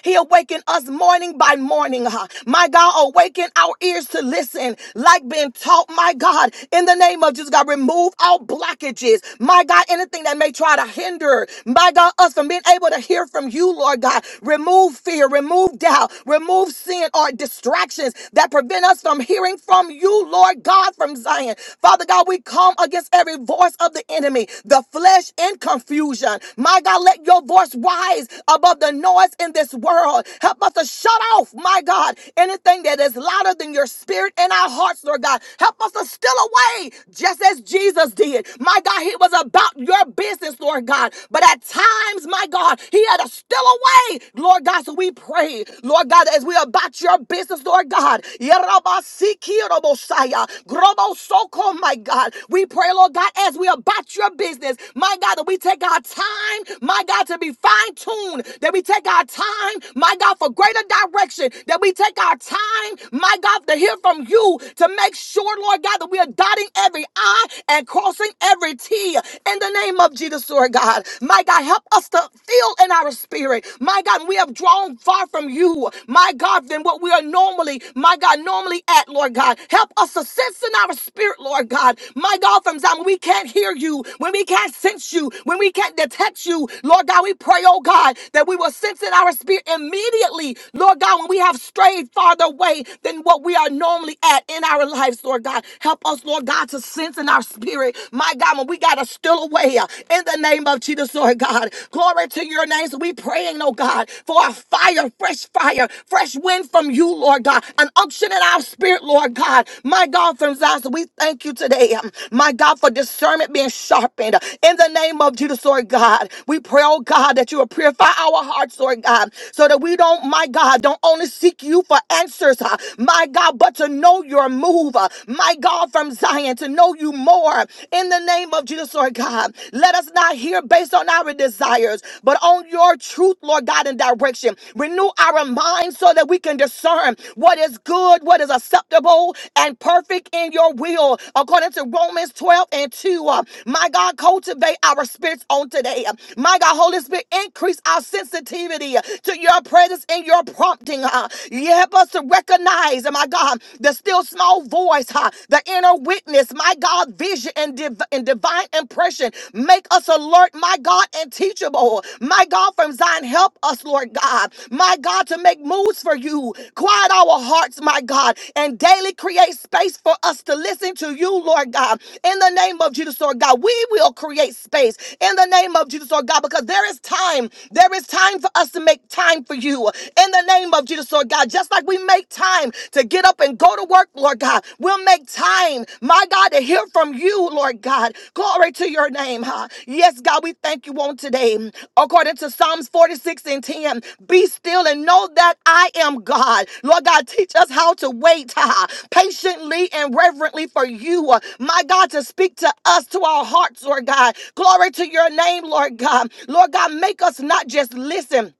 He awakened us morning by morning. huh? My God, awaken our ears to listen, like being taught, my God, in the name of Jesus. God, remove all blockages. My God, anything that may try to hinder, my God, us from being able to hear from you, Lord God. Remove fear, remove doubt, remove sin or distractions that prevent us from hearing from you, Lord God, from Zion. Father God, we come against every voice of the enemy, the flesh and confusion. My God, let your your voice rise above the noise in this world. Help us to shut off, my God, anything that is louder than your spirit in our hearts, Lord God. Help us to steal away, just as Jesus did. My God, he was about your business, Lord God. But at times, my God, he had to steal away, Lord God. So we pray, Lord God, as we are about your business, Lord God. Yerabasikiorobosaya, grobosoko, My God, we pray, Lord God, as we are about your business business. My God, that we take our time, my God, to be fine tuned, that we take our time, my God, for greater direction, that we take our time, my God, to hear from you, to make sure, Lord God, that we are dotting every I and crossing every T in the name of Jesus, Lord God. My God, help us to feel in our spirit, my God, we have drawn far from you, my God, than what we are normally, my God, normally at, Lord God. Help us to sense in our spirit, Lord God. My God, from Zion, when we can't hear you, when we can't sense you, when we can't detect you, Lord God, we pray, oh God, that we will sense in our spirit immediately, Lord God, when we have strayed farther away than what we are normally at in our lives, Lord God. Help us, Lord God, to sense in our spirit, my God, when we got to still away uh, in the name of Jesus, Lord God. Glory to your name. So we praying, oh God, for a fire, fresh fire, fresh wind from you, Lord God, an unction in our spirit, Lord God. God. My God, from Zion, so we thank you today. um, My God, for discernment being sharpened. In the name of Jesus, Lord God, we pray, oh God, that you will purify our hearts, Lord God, so that we don't, my God, don't only seek you for answers, uh, my God, but to know your move, uh, my God, from Zion, to know you more. In the name of Jesus, Lord God, let us not hear based on our desires, but on your truth, Lord God, and direction. Renew our minds so that we can discern discern what is good, what is acceptable, and perfect in your will. According to Romans 12 and 2, uh, my God, cultivate our spirits on today. Uh, My God, Holy Spirit, increase our sensitivity uh, to your presence and your prompting. Uh, you help us to recognize, uh, my God, the still small voice, uh, the inner witness, my God, vision and, div- and divine impression. Make us alert, my God, and teachable. My God, from Zion, help us, Lord God. God, my God, to make moves for you. Quiet our hearts, my God, and daily create space for us to listen to you, Lord God. In the name of Jesus, Lord God, we will create space in the name of Jesus, Lord God, because there is time. There is time for us to make time for you. In the name of Jesus, Lord God, just like we make time to get up and go to work, Lord God, we'll make time, my God, to hear from you, Lord God. Glory to your name, huh? Yes, God, we thank you on today. According to Psalms 46 and 10, be still and know that I am God. Lord God, teach us how to wait ah, patiently and reverently for you. ah. My God, to speak to us, to our hearts, Lord God. Glory to your name, Lord God. Lord God, make us not just listen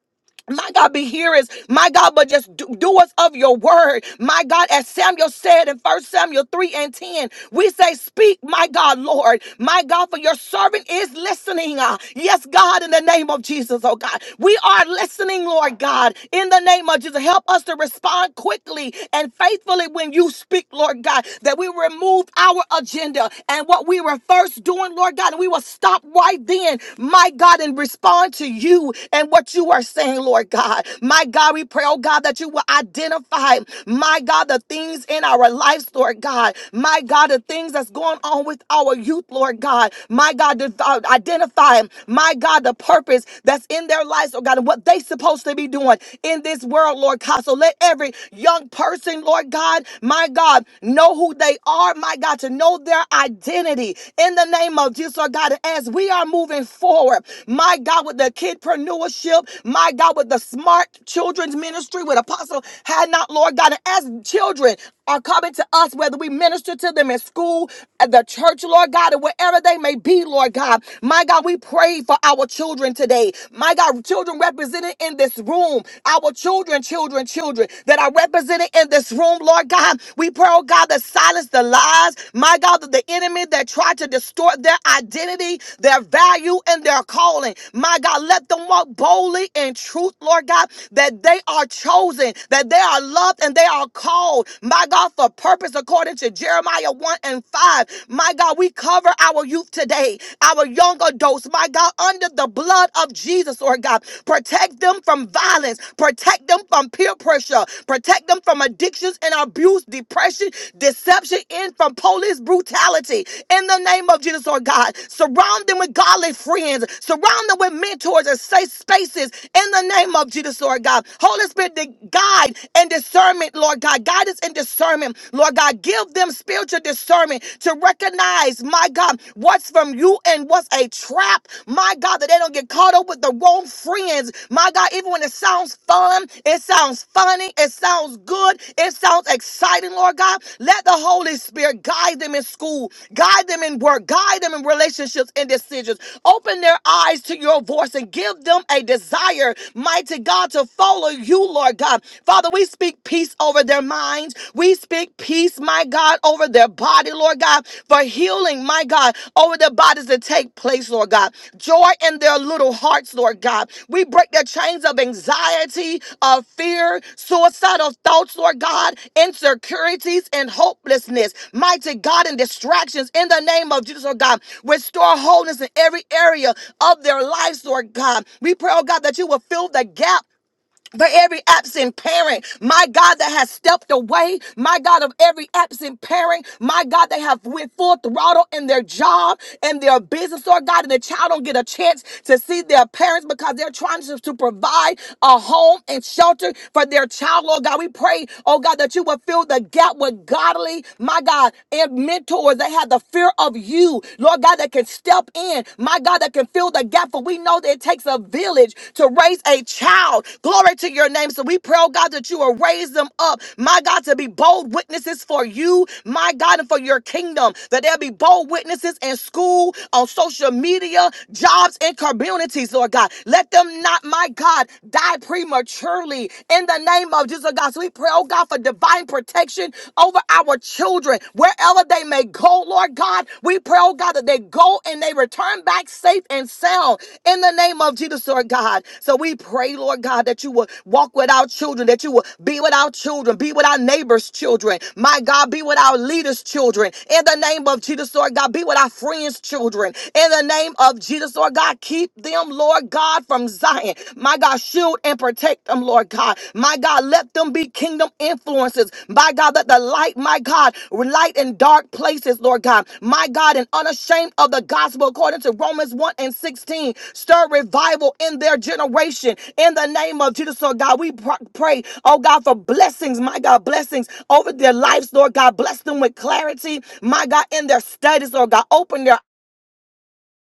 my God, be hearers, my God, but just do, doers of your word. My God, as Samuel said in First Samuel 3 and 10, we say, Speak, my God, Lord, my God, for your servant is listening. Uh, yes, God, in the name of Jesus, oh God. We are listening, Lord God, in the name of Jesus. Help us to respond quickly and faithfully when you speak, Lord God, that we remove our agenda and what we were first doing, Lord God, and we will stop right then, my my God, and respond to you and what you are saying, Lord God. My God, we pray, oh God, that you will identify, my God, the things in our lives, Lord God. My God, the things that's going on with our youth, Lord God. My God, to, uh, identify, my God, the purpose that's in their lives, oh God, and what they supposed to be doing in this world, Lord God. So let every young person, Lord God, my God, know who they are, my God, to know their identity in the name of Jesus, Lord God. As we are moving forward, my God, with the kidpreneurship, my God, with the smart children's ministry, with Apostle Had Not, Lord God, and as children are coming to us, whether we minister to them in school, at the church, Lord God, and wherever they may be, Lord God. My God, we pray for our children today. My God, children represented in this room, our children, children, children that are represented in this room, Lord God. We pray, oh God, that Father, silence the lies, my God, of the enemy that tried to distort their identity, their value, and their calling. My God, let them walk boldly in truth, Lord God, that they are chosen, that they are loved, and they are called, my God, for purpose according to Jeremiah 1 and 5. My God, we cover our youth today, our young adults, my God, under the blood of Jesus, Lord God. Protect them from violence, protect them from peer pressure, Protect them from addictions and abuse, depression, deception, and from police brutality. In the name of Jesus, Lord God, surround them with godly friends, surround them with mentors and safe spaces. In the name of Jesus, Lord God, Holy Spirit, the guide and discernment, Lord God, guidance and discernment, Lord God, give them spiritual discernment to recognize, my God, what's from you and what's a trap, my God, that they don't get caught up with the wrong friends, my God, even when it sounds fun, it sounds funny, it sounds good, it sounds exciting, Lord God, let the Holy Spirit guide them in school, guide them in work, guide them in relationships and decisions. Open their eyes to your voice and give them a desire, mighty God, to follow you, Lord God. Father, we speak peace over their minds. We speak peace, my God, over their body, Lord God, for healing, my God, over their bodies to take place, Lord God joy in their little hearts, Lord God. We break the chains of anxiety, of fear, suicidal thoughts, Lord God, insecurities, and hopelessness. Mighty God, and distractions in the name of Jesus, Lord God. Restore wholeness in every area of their lives, Lord God. We pray, oh God, that you will fill the gap for every absent parent, my God, that has stepped away, my God, of every absent parent, my God, they have went full throttle in their job and their business, Lord God, and the child don't get a chance to see their parents because they're trying to, to provide a home and shelter for their child, Lord God. We pray, oh God, that you will fill the gap with godly, my God, and mentors that have the fear of you, Lord God, that can step in in, my God, that can fill the gap. For we know that it takes a village to raise a child. Glory to your name. So we pray, oh God, that you will raise them up, my God, to be bold witnesses for you, my God, and for your kingdom. That there'll be bold witnesses in school, on social media, jobs, and communities, Lord God. Let them not, my God, die prematurely in the name of Jesus, oh God. So we pray, oh God, for divine protection oh over our children wherever they may go, Lord God. We pray, oh God, that they go and they return back safe and sound in the name of Jesus, Lord God. So we pray, Lord God, that you will walk with our children, that you will be with our children, be with our neighbors' children. My God, be with our leaders' children. In the name of Jesus, Lord God, be with our friends' children. In the name of Jesus, Lord God, keep them, Lord God, from Zion. My God, shield and protect them, Lord God. My God, let them be kingdom influences. My God, that the light, my God, light in dark places, Lord God. My God, and unashamed of the gospel according to Romans 1 and 16. Stir revival in their generation in the name of Jesus, Lord God. We pr- pray, oh God, for blessings, my God, blessings over their lives, Lord God. Bless them with clarity, my God, in their studies, Lord God. Open their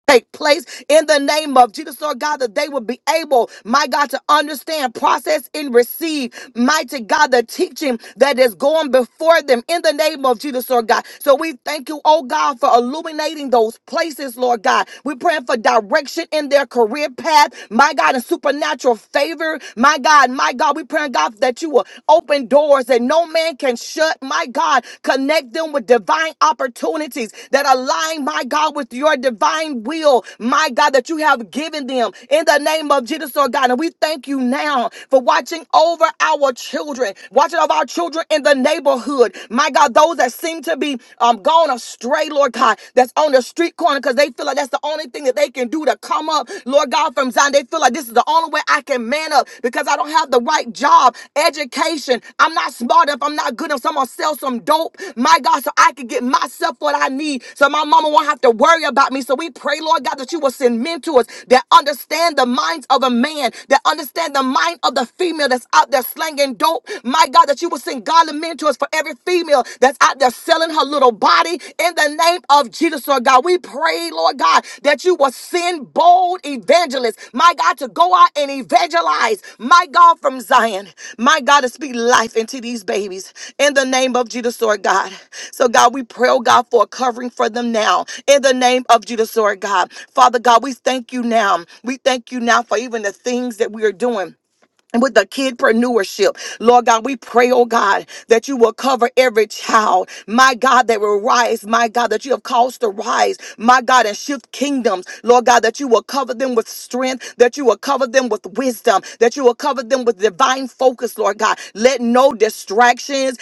take place in the name of Jesus, Lord God, that they would be able, my God, to understand, process, and receive, mighty God, the teaching that is going before them in the name of Jesus, Lord God. So we thank you, oh God, for illuminating those places, Lord God. We're praying for direction in their career path, my God, and supernatural favor, my God, my God. We pray, God, that you will Open doors that no man can shut. My God, connect them with divine opportunities that align, my God, with your divine will. My God, that you have given them in the name of Jesus, Lord God. And we thank you now for watching over our children, watching over our children in the neighborhood. My God, those that seem to be um, gone astray, Lord God, that's on the street corner because they feel like that's the only thing that they can do to comfort come up, Lord God, from Zion. They feel like this is the only way I can man up because I don't have the right job, education. I'm not smart enough. I'm not good enough. So I'm going to sell some dope, my God, so I can get myself what I need so my mama won't have to worry about me. So we pray, Lord God, that you will send mentors that understand the minds of a man, that understand the mind of the female that's out there slanging dope. My God, that you will send godly mentors for every female that's out there that's selling her little body in the name of Jesus, Lord God. We pray, Lord God, that you will send bold evangelists, my God, to go out and evangelize, my God, from Zion, my God, to speak life into these babies in the name of Jesus, Lord God. So, God, we pray, oh God, for a covering for them now in the name of Jesus, Lord God. Father God, we thank you now. We thank you now for even the things that we are doing with the kidpreneurship. Lord God, we pray, oh God, that you will cover every child. My God, that will rise. My God, that you have caused to rise. My God, and shift kingdoms. Lord God, that you will cover them with strength, that you will cover them with wisdom, that you will cover them with divine focus, Lord God. Let no distractions,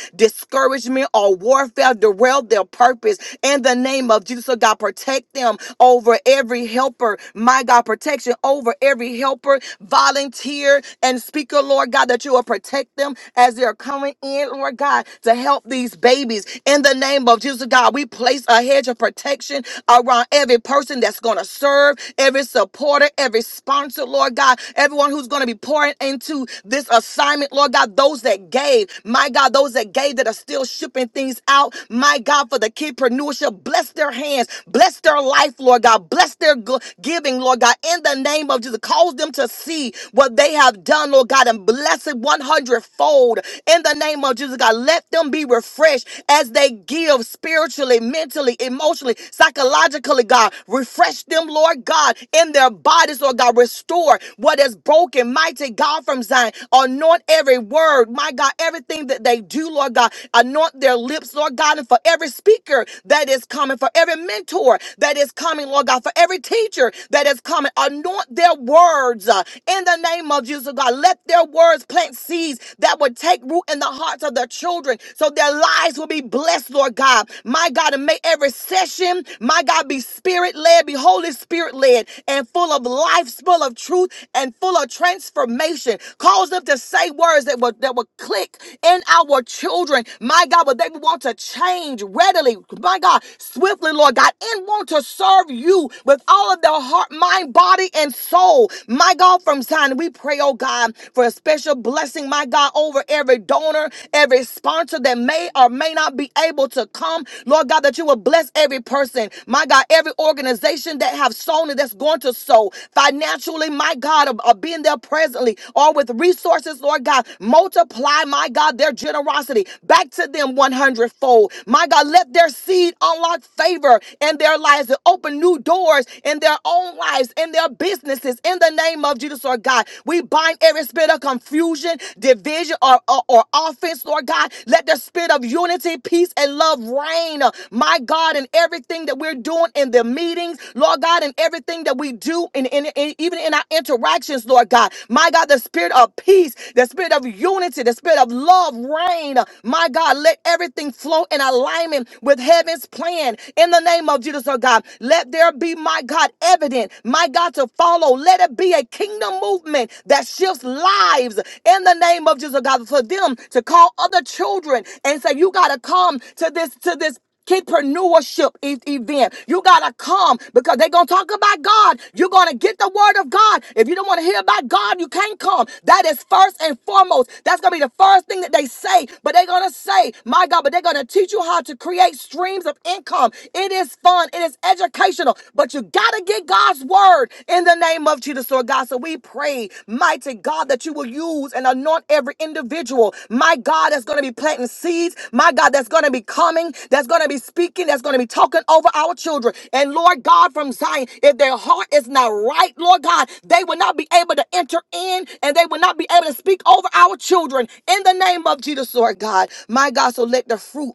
discouragement or warfare derail their purpose in the name of Jesus. So God, protect them over every helper. My God, protection over every helper, volunteer, and speaker, Lord God, that you will protect them as they're coming in, Lord God, to help these babies. In the name of Jesus, God, we place a hedge of protection around every person that's going to serve, every supporter, every sponsor, Lord God, everyone who's going to be pouring into this assignment, Lord God, those that gave, my God, those that gave that are still shipping things out, my God, for the kidpreneurship, bless their hands, bless their life, Lord God, bless their go- giving, Lord God, in the name of Jesus, cause them to see what they have done, Lord God, and bless it 100 fold in the name of Jesus, God, let them be refreshed as they give healed spiritually, mentally, emotionally, psychologically, God. Refresh them, Lord God, in their bodies, Lord God. Restore what is broken, mighty God from Zion. Anoint every word, my God, everything that they do, Lord God. Anoint their lips, Lord God, and for every speaker that is coming, for every mentor that is coming, Lord God, for every teacher that is coming, anoint their words uh, in the name of Jesus, God. Let their words plant seeds that would take root in the hearts of their their children so their lives will be blessed, Lord God. My God, and may every session, my God, be spirit led, be Holy Spirit led, and full of life, full of truth, and full of transformation. Cause them to say words that will, that will click in our children. My God, but they want to change readily. My God, swiftly, Lord God, and want to serve you with all of their heart, mind, body, and soul. My God, from Zion, we pray, oh God, for a special financial blessing, my God, over every donor, every sponsor that may or may not be able to come. Lord God, that you will bless every person, my God, every organization that have sown and that's going to sow financially, my God, or, or being there presently or with resources, Lord God, multiply, my God, their generosity back to them one hundredfold, My God, let their seed unlock favor in their lives and open new doors in their own lives, in their businesses, in the name of name of Jesus, Lord God. We bind every spirit of confusion, division, or, or, or offense, Lord God. Let the spirit of unity, peace, and love reign, uh, my God, in everything that we're doing in the meetings, Lord God, in everything that we do, in, in, in- even in our interactions, Lord God. My God, the spirit of peace, the spirit of unity, the spirit of love reign. uh, My God, let everything flow in alignment with heaven's plan in the name of Jesus, oh God. Let there be, my God, God, evident, my God, to follow. Let it be a kingdom movement that shifts lives in the name of Jesus, God, for them to call other children and say, you got to come to this, to this kidpreneurship e- event. You gotta come because they're gonna talk about God. You're gonna get the word of God. If you don't want to hear about God, you can't come. That is first and foremost. That's gonna be the first thing that they say. But they're gonna say, my God, but they're gonna teach you how to create streams of income it is fun. It is educational. But you got to get God's word in the name of Jesus, Lord God. So we pray, mighty God, that you will use and anoint every individual. My God, that's going to be planting seeds. My God, that's going to be coming. That's going to be speaking. That's going to be talking over our children. And Lord God, from Zion, if their heart is not right, Lord God, they will not be able to enter in and they will not be able to speak over our children in the name of Jesus, Lord God. My God, so let the fruit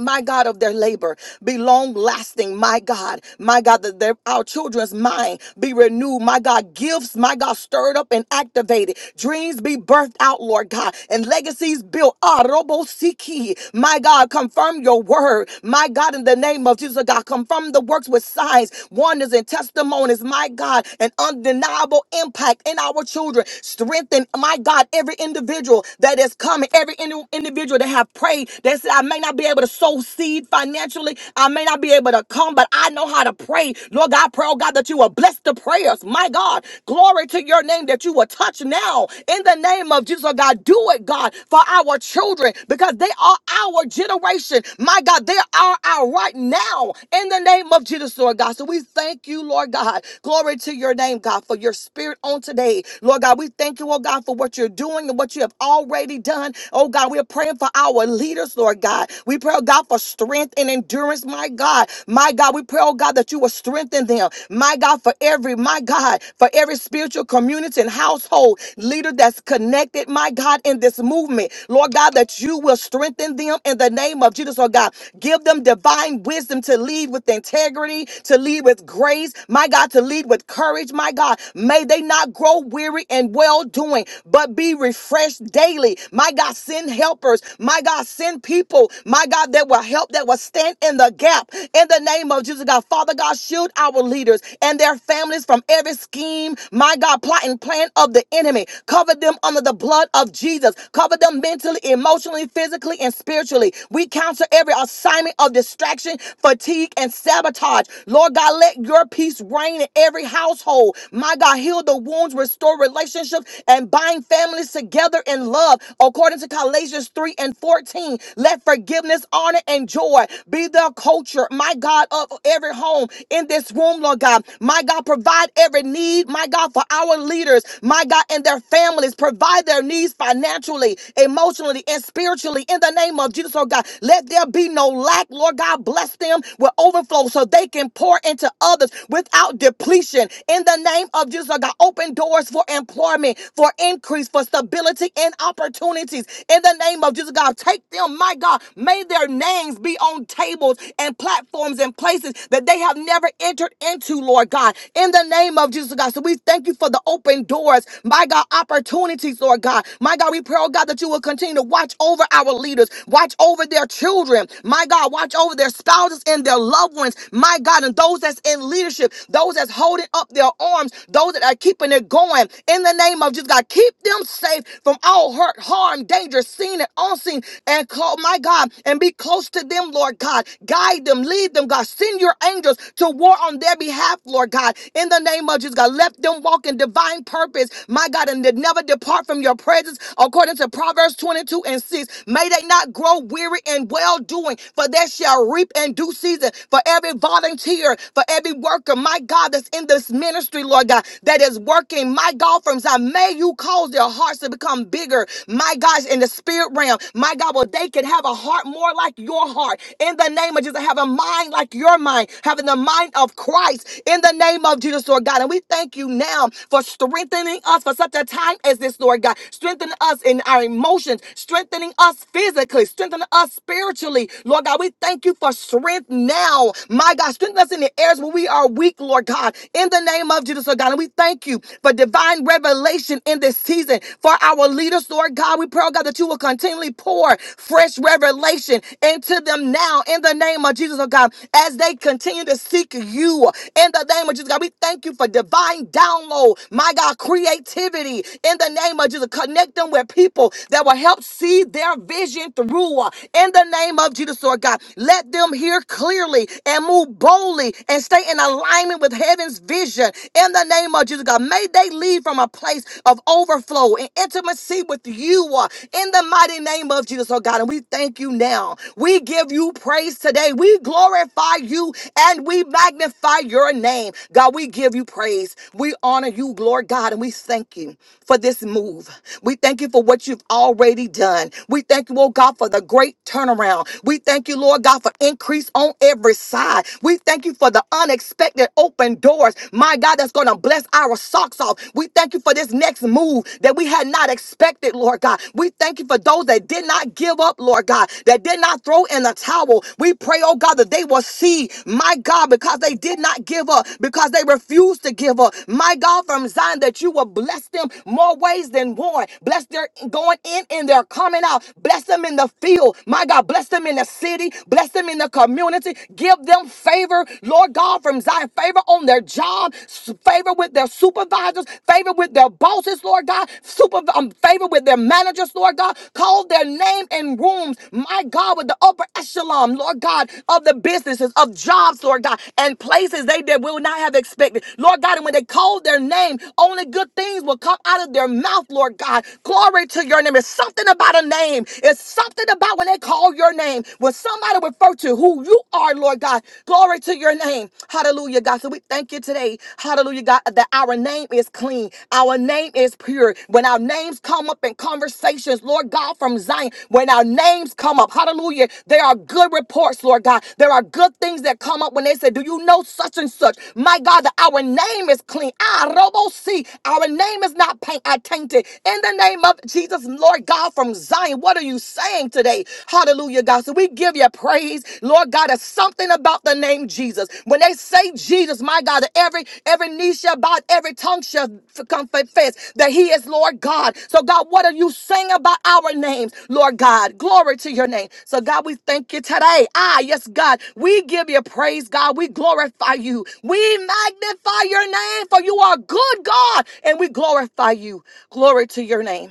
my God, of their labor be long lasting, my God, my God, that their, our children's mind be renewed, my God, gifts, my God, stirred up and activated, dreams be birthed out, Lord God, and legacies built. Ah, robo siki, my God, confirm your word, my God, in the name of Jesus, God, confirm the works with signs, wonders, and testimonies, my God, an undeniable impact in our children. Strengthen, my God, every individual that is coming, every indi- individual individual that have prayed that said, I may not be able to sow seed financially. I may not be able to come, but I know how to pray. Lord God, I pray, oh God, that you will bless the prayers. My God, glory to your name that you will touch now in the name of Jesus. Oh God, do it, God, for our children because they are our generation. My God, they are our right now in the name of Jesus, Lord God. So we thank you, Lord God. Glory to your name, God, for your spirit on today. Lord God, we thank you, oh God, for what you're doing and what you have have already done. Oh God, we're praying for our leaders, Lord God. We pray, oh God, for strength and endurance, my God. My God, we pray, oh God, that you will strengthen them. My God, for every, my God, for every spiritual community and household leader that's connected, my God, in this movement. Lord God, that you will strengthen them in the name of Jesus, oh God. Give them divine wisdom to lead with integrity, to lead with grace, my God, to lead with courage, my God. May they not grow weary and in well doing, but be refreshed daily. My God, send helpers. My God, send people. My God, that will help, that will stand in the gap. In the name of Jesus, God, Father God, shield our leaders and their families from every scheme. My God, plot and plan of the enemy. Cover them under the blood of Jesus. Cover them mentally, emotionally, physically, and spiritually. We counter every assignment of distraction, fatigue, and sabotage. Lord God, let your peace reign in every household. My God, heal the wounds, restore relationships, and bind families together in love. According to Galatians 3 and 14, let forgiveness, honor, and joy be the culture, my God, of every home in this room, Lord God. My God, provide every need, my God, for our leaders, my God, and their families. Provide their needs financially, emotionally, and spiritually in the name of Jesus, Lord God. Let there be no lack, Lord God. Bless them with overflow so they can pour into others resources without depletion. In the name of Jesus, Lord God, open doors for employment, for increase, for stability and opportunities. In the name of Jesus, God, take them, my God. May their names be on tables and platforms and places that they have never entered into, Lord God. In the name of Jesus, God. So we thank you for the open doors, my God, opportunities, Lord God. My God, we pray, oh God, that you will continue to watch over our leaders, watch over their children, my God, watch over their spouses and their loved loved ones, my God, and those that's in leadership, those that's holding up their arms, those that are keeping it going. In the name of Jesus, God, keep them safe from all hurt, harm, danger, seen and unseen, and call, my God, and be close to them, Lord God. Guide them, lead them, God. Send your angels to war on their behalf, Lord God. In the name of Jesus, God, let them walk in divine purpose, my God, and to never depart from your presence, according to Proverbs 22 and 6. May they not grow weary in well doing doing, for they shall reap in due season. For every volunteer, for every worker, my God, that's in this ministry, Lord God, that is working, my God, from Zion, may you cause their hearts to become bigger, my God, in the spirit realm, my God, well, they can have a heart more like your heart in the name of Jesus, have a mind like your mind, having the mind of Christ in the name of Jesus, Lord God. And we thank you now for strengthening us for such a time as this, Lord God, strengthening us in our emotions, strengthening us physically, strengthen us spiritually. Lord God, we thank you for strength now. My God, strengthen us in the areas where we are weak, Lord God, in the name of Jesus, Lord God. And we thank you for divine revelation in this season for our leaders, Lord God. We pray, oh God, that you will continually pour fresh revelation into them now in the name of Jesus, oh God, as they continue to seek you in the name of Jesus, God. We thank you for divine download, my God, creativity in the name of Jesus. Connect them with people people that will help see their vision through uh, in the name of Jesus, Lord God. Let them hear clearly and move boldly and stay in alignment with heaven's vision in the name of Jesus, God. May they lead from a place of overflow and intimacy with you uh, in the mighty name of Jesus, oh God. And we thank you now. We give you praise today. We glorify you and we magnify your name. God, we give you praise. We honor you, Lord God, and we thank you for this move. We thank you for what you've already done. We thank you, oh God, for the great turnaround. We thank you, Lord God, for increase on every side. We thank you for the unexpected open doors, my God, that's going to bless our socks off. We thank you for this next move that we had not expected, Lord God. We thank you for those that did not give up, Lord God, that did not throw in the towel. We pray, oh God, that they will see, my God. God, because they did not give up, because they refused to give up. My God, from Zion, that you will bless them more ways than one. Bless their going in and their coming out. Bless them in the field. My God, bless them in the city. Bless them in the community. Give them favor, Lord God, from Zion. Favor on their job, s- favor with their supervisors, favor with their bosses, Lord God, super, um, favor with their managers, Lord God. Call their their name in rooms, my God, with the upper echelon, Lord God, of the businesses, of jobs, Lord God, and places they did will not have expected. Lord God, and when they called their name, only good things will come out of their mouth, Lord God. Glory to your name. It's something about a name. It's something about when they call your name. When somebody refer to who you are, Lord God. Glory to your name. Hallelujah, God. So we thank you today. Hallelujah, God. That our our name is clean, our name is pure. When our names come up in conversations, Lord God, from Zion, when our names come up, hallelujah, there are good reports, Lord God. There are good things that come up when they say, Do you know such and such? My God, that our name is clean. Ah, Robo see, our name is not paint, I tainted. In the name of Jesus, Lord God, from Zion, what are you saying today? Hallelujah, God. So we give you praise. Lord God, there's something about the name Jesus. When they say Jesus, my God, that every every knee shall bow, every tongue shall f- confess that He is Lord God. So God, what are you saying about our names, Lord God? Glory to Your name. So God, we thank You today. Ah, yes, God, we give You praise, God. We glorify You. We magnify Your name, for You are good, God, and we glorify You. Glory to Your name.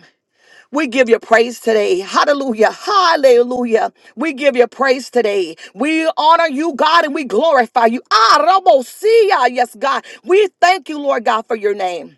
We give you praise today. Hallelujah. Hallelujah. We give you praise today. We honor you, God, and we glorify you. Ah, Rabosia. Yes, God. We thank you, Lord God, for your name.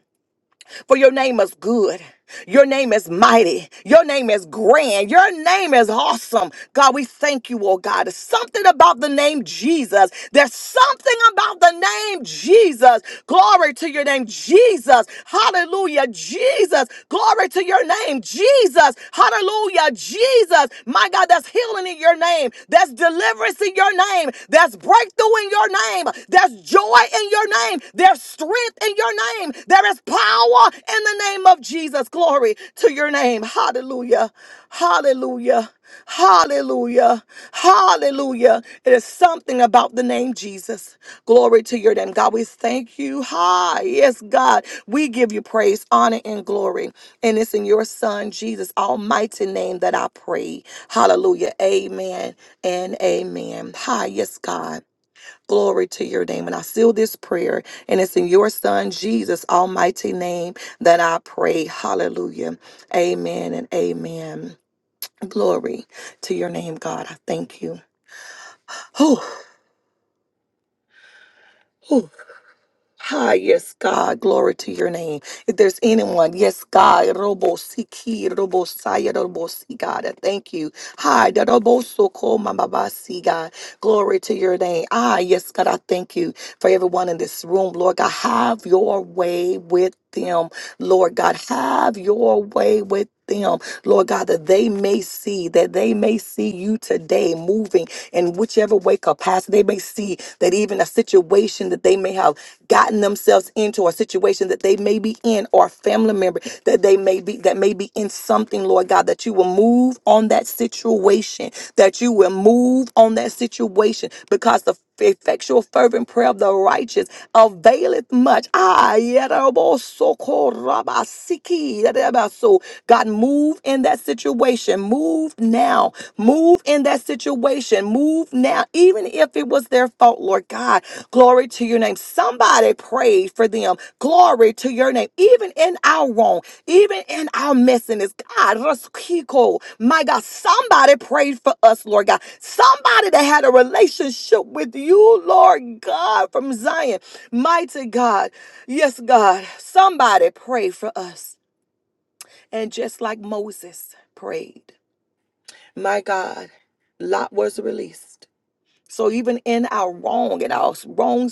For your name is good. Your name is mighty. Your name is grand. Your name is awesome. God, we thank you, oh God. There's something about the name Jesus. There's something about the name Jesus. Glory to your name, Jesus. Hallelujah, Jesus. Glory to your name, Jesus. Hallelujah, Jesus. My God, that's healing in your name. That's deliverance in your name. That's breakthrough in your name. There's. There's joy in your name. There's strength in your name. There is power in the name of Jesus. Glory to your name. Hallelujah. Hallelujah. Hallelujah. Hallelujah. It is something about the name Jesus. Glory to your name. God, we thank you. Hi. Yes, God. We give you praise, honor, and glory. And it's in your Son, Jesus' almighty name that I pray. Hallelujah. Amen and amen. Hi. Yes, God. Glory to your name. And I seal this prayer, and it's in your Son, Jesus' almighty name, that I pray. Hallelujah. Amen and amen. Glory to your name, God. I thank you. Oh, Hi, yes, God, glory to your name. If there's anyone, yes, God, Robo Siki, Robo Saya, Robo Si, God, I thank you. Hi, da Robo Soko, Mama Ba Si, God, glory to your name. Ah, yes, God, I thank you for everyone in this room, Lord God. Have your way with them, Lord God. Have your way with them, Lord God, that they may see, that they may see you today moving in whichever way capacity they may see that even a situation that they may have gotten themselves into a situation that they may be in or a family member that they may be that may be in something lord god that you will move on that situation that you will move on that situation because the effectual fervent prayer of the righteous availeth much ah so god move in that situation move now move in that situation move now even if it was their fault lord god Glory to your name. Somebody prayed for them. Glory to your name. Even in our wrong, even in our messiness, God, Raskiko, my God, somebody prayed for us, Lord God. Somebody that had a relationship with you, Lord God, from Zion. Mighty God. Yes, God. Somebody prayed for us. And just like Moses prayed, my God, Lot was released. So even in our wrong, in our wrong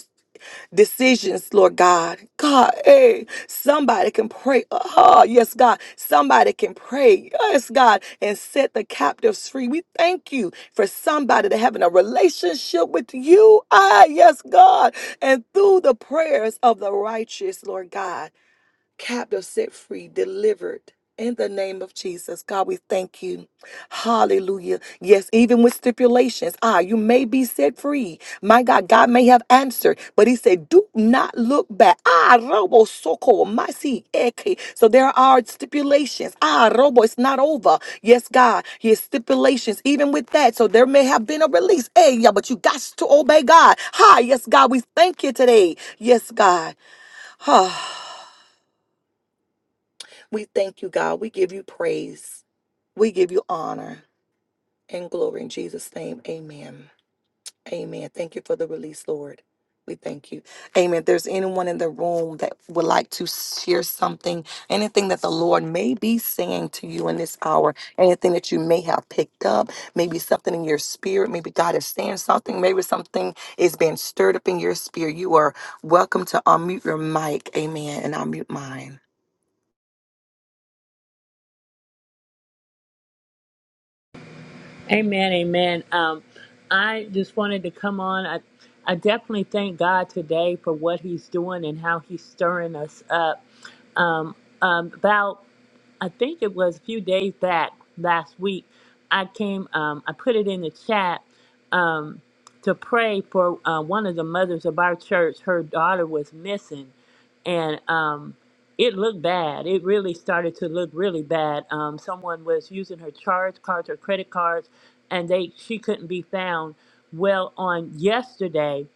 decisions, Lord God. God, hey, somebody can pray. Oh, yes, God. Somebody can pray. Yes, God. And set the captives free. We thank you for somebody to having a relationship with you. Ah, yes, God. And through the prayers of the righteous, Lord God captive set free, delivered. In the name of Jesus, God, we thank you. Hallelujah. Yes, even with stipulations, ah, you may be set free. My God, God may have answered, but He said, "Do not look back." Ah, robo soko masi eke. So there are stipulations. Ah, robo, it's not over. Yes, God, His stipulations. Even with that, so there may have been a release. Hey, yeah, but you got to obey God. Hi, yes, God, we thank you today. Yes, God. Ah. We thank you, God. We give you praise. We give you honor and glory in Jesus' name. Amen. Amen. Thank you for the release, Lord. We thank you. Amen. If there's anyone in the room that would like to share something, anything that the Lord may be saying to you in this hour, anything that you may have picked up, maybe something in your spirit, maybe God is saying something, maybe something is being stirred up in your spirit, you are welcome to unmute your mic. Amen. And i mute mine. Amen, amen. Um, I just wanted to come on. I, I definitely thank God today for what He's doing and how He's stirring us up. Um, um, about I think it was a few days back last week. I came, um, I put it in the chat um, to pray for uh, one of the mothers of our church. Her daughter was missing, and um, it looked bad. It really started to look really bad. Um, someone was using her charge cards, her credit cards, and they she couldn't be found. Well, on yesterday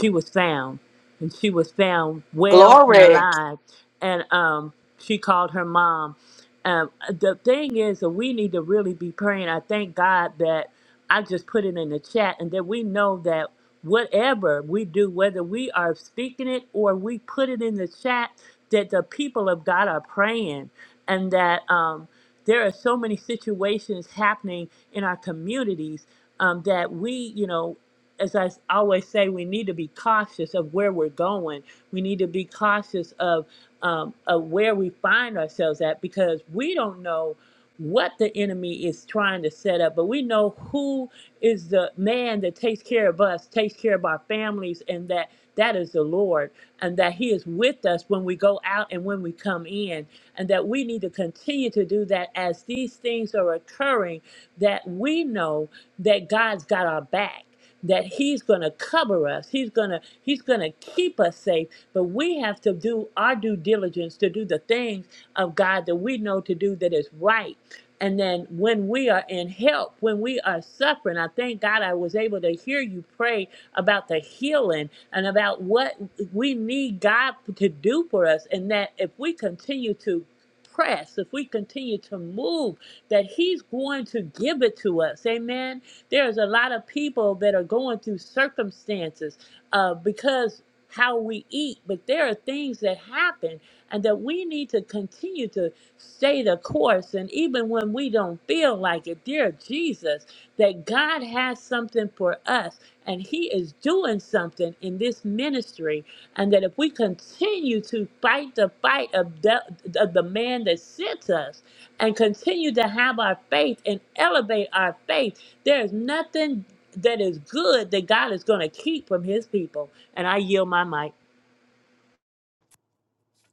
she was found and she was found well and Glory. alive and um she called her mom um the thing is that we need to really be praying i thank god that i just put it in the chat and that we know that whatever we do whether we are speaking it or we put it in the chat that the people of god are praying and that um there are so many situations happening in our communities um, that we, you know, as I always say, we need to be cautious of where we're going. We need to be cautious of um, of where we find ourselves at because we don't know what the enemy is trying to set up, but we know who is the man that takes care of us, takes care of our families, and that that is the Lord, and that He is with us when we go out and when we come in, and that we need to continue to do that as these things are occurring that we know that God's got our back that he's going to cover us he's going to he's going to keep us safe but we have to do our due diligence to do the things of god that we know to do that is right and then when we are in help, when we are suffering, I thank God I was able to hear you pray about the healing and about what we need God to do for us. And that if we continue to press, if we continue to move, that He's going to give it to us. Amen. There's a lot of people that are going through circumstances uh, because how we eat, but there are things that happen and that we need to continue to stay the course. And even when we don't feel like it, dear Jesus, that God has something for us and He is doing something in this ministry. And that if we continue to fight the fight of the, of the man that sent us and continue to have our faith and elevate our faith, there's nothing that is good that God is going to keep from his people. And I yield my mic.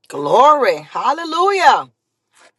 Glory. Hallelujah.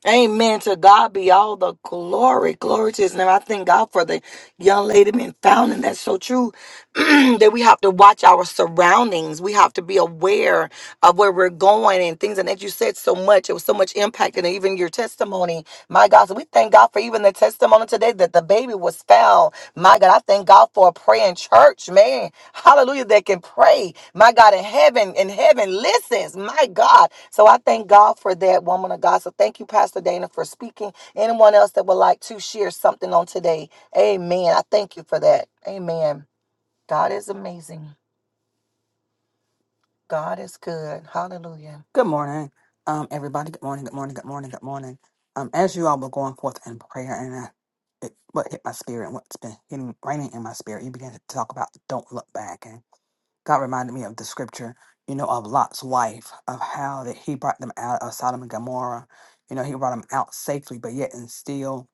Amen. To God be all the glory. Glory to his name. I thank God for the young lady being found. And that's so true that we have to watch our surroundings. We have to be aware of where we're going and things. And as you said so much, it was so much impact and even your testimony. My God. So we thank God for even the testimony today that the baby was found. My God. I thank God for a praying church, man hallelujah, that can pray. My God, in heaven, in heaven listens. My God. So I thank God for that woman of God. So thank you, Pastor Dana, for speaking. Anyone else that would like to share something on today? Amen. I thank you for that. Amen. God is amazing. God is good. Hallelujah. Good morning, um, everybody. Good morning. Good morning. Good morning. Good morning. Um, as you all were going forth in prayer, and I, it, what hit my spirit, and what's been hitting, raining in my spirit, you began to talk about don't look back, and God reminded me of the scripture, you know, of Lot's wife, of how that He brought them out of Sodom and Gomorrah. You know, He brought them out safely, but yet and still,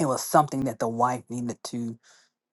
it was something that the wife needed to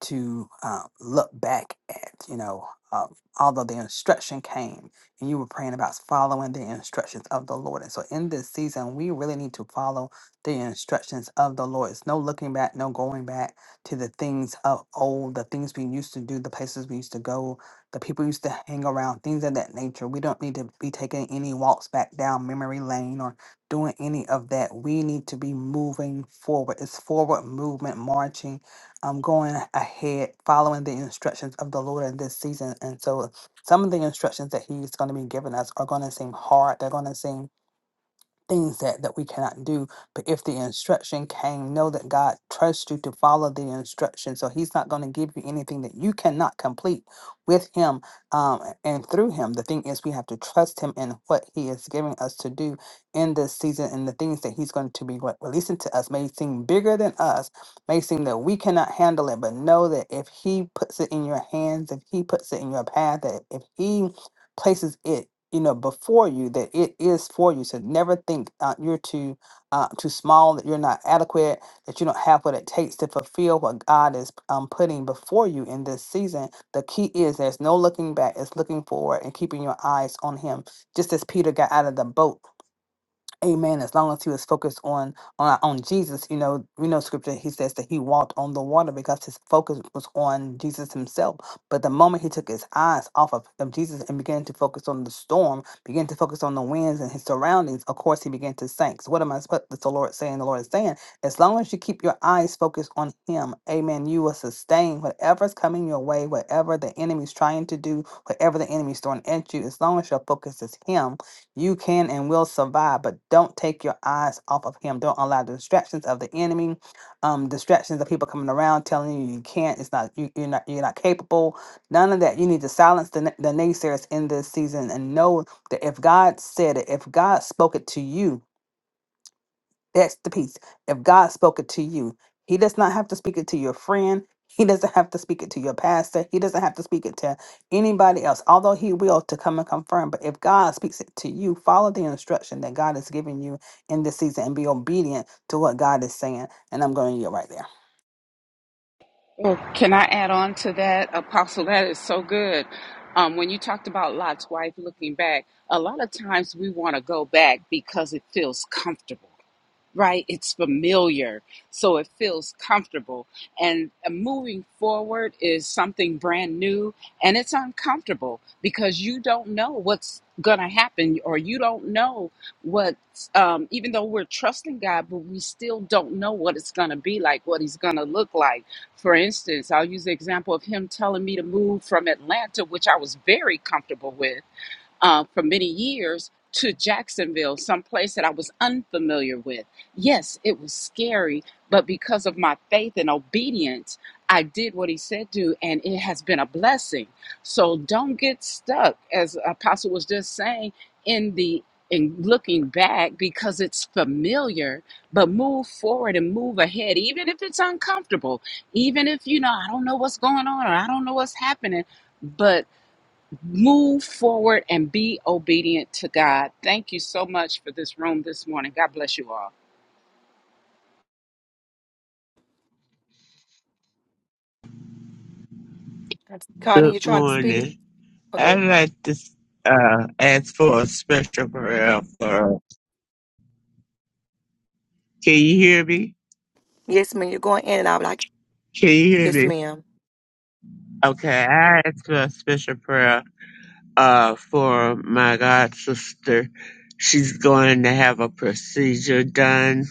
to uh, look back at, you know, uh, although the instruction came and you were praying about following the instructions of the Lord. And so in this season, we really need to follow the instructions of the Lord. It's no looking back, no going back to the things of old, the things we used to do, the places we used to go, the people we used to hang around, things of that nature. We don't need to be taking any walks back down memory lane or doing any of that. We need to be moving forward. It's forward movement, marching um, going ahead, following the instructions of the Lord in this season. And so some of the instructions that He's going to be giving us are going to seem hard. They're going to seem things that, that we cannot do. But if the instruction came, know that God trusts you to follow the instruction. So He's not going to give you anything that you cannot complete with Him um, and through Him. The thing is, we have to trust Him in what He is giving us to do in this season and the things that He's going to be re- releasing to us may seem bigger than us, may seem that we cannot handle it, but know that if He puts it in your hands, if He puts it in your path, that if He places it you know before you that it is for you so never think uh, you're too uh, too small that you're not adequate that you don't have what it takes to fulfill what god is um, putting before you in this season the key is there's no looking back it's looking forward and keeping your eyes on him just as peter got out of the boat Amen. As long as he was focused on on on Jesus, you know, we know scripture. He says that he walked on the water because his focus was on Jesus himself. But the moment he took his eyes off of, of Jesus and began to focus on the storm, began to focus on the winds and his surroundings, of course he began to sink. So what am I? What is the Lord saying? The Lord is saying, as long as you keep your eyes focused on Him, Amen. You will sustain whatever's coming your way, whatever the enemy's trying to do, whatever the enemy's throwing at you. As long as your focus is Him, you can and will survive, but don't take your eyes off of Him. Don't allow the distractions of the enemy, um, distractions of people coming around telling you you can't. It's not you, you're not you're not capable. None of that. You need to silence the, na- the naysayers in this season and know that if God said it, if God spoke it to you, that's the peace. If God spoke it to you, He does not have to speak it to your friend. He doesn't have to speak it to your pastor. He doesn't have to speak it to anybody else, although He will to come and confirm. But if God speaks it to you, follow the instruction that God has given you in this season and be obedient to what God is saying. And I'm going to get right there. Well, can I add on to that, Apostle? That is so good. Um, when you talked about Lot's wife looking back, a lot of times we want to go back because it feels comfortable right? It's familiar, so it feels comfortable. And uh, moving forward is something brand new, and it's uncomfortable because you don't know what's going to happen, or you don't know what, um, even though we're trusting God, but we still don't know what it's going to be like, what He's going to look like. For instance, I'll use the example of Him telling me to move from Atlanta, which I was very comfortable with uh, for many years to Jacksonville, someplace that I was unfamiliar with. Yes, it was scary, but because of my faith and obedience, I did what he said to, and it has been a blessing. So don't get stuck, as Apostle was just saying, in the in looking back because it's familiar, but move forward and move ahead, even if it's uncomfortable, even if you know I don't know what's going on or I don't know what's happening, but move forward and be obedient to God. Thank you so much for this room this morning. God bless you all. Connie, you Good trying to speak? morning. Or the- I'd like to uh, ask for a special prayer for. Can you hear me? Yes, ma'am. You're going in and out. Like, Can you hear yes, me? ma'am. Okay, I ask for a special prayer uh, for my god sister. She's going to have a procedure done,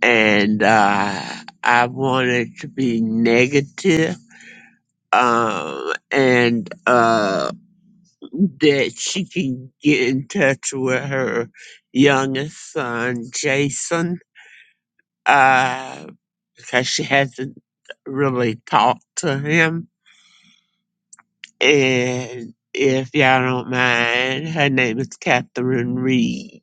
and uh, I want it to be negative, Um, and uh, that she can get in touch with her youngest son, Jason uh, because she hasn't really talked to him. And if y'all don't mind, her name is Catherine Reed.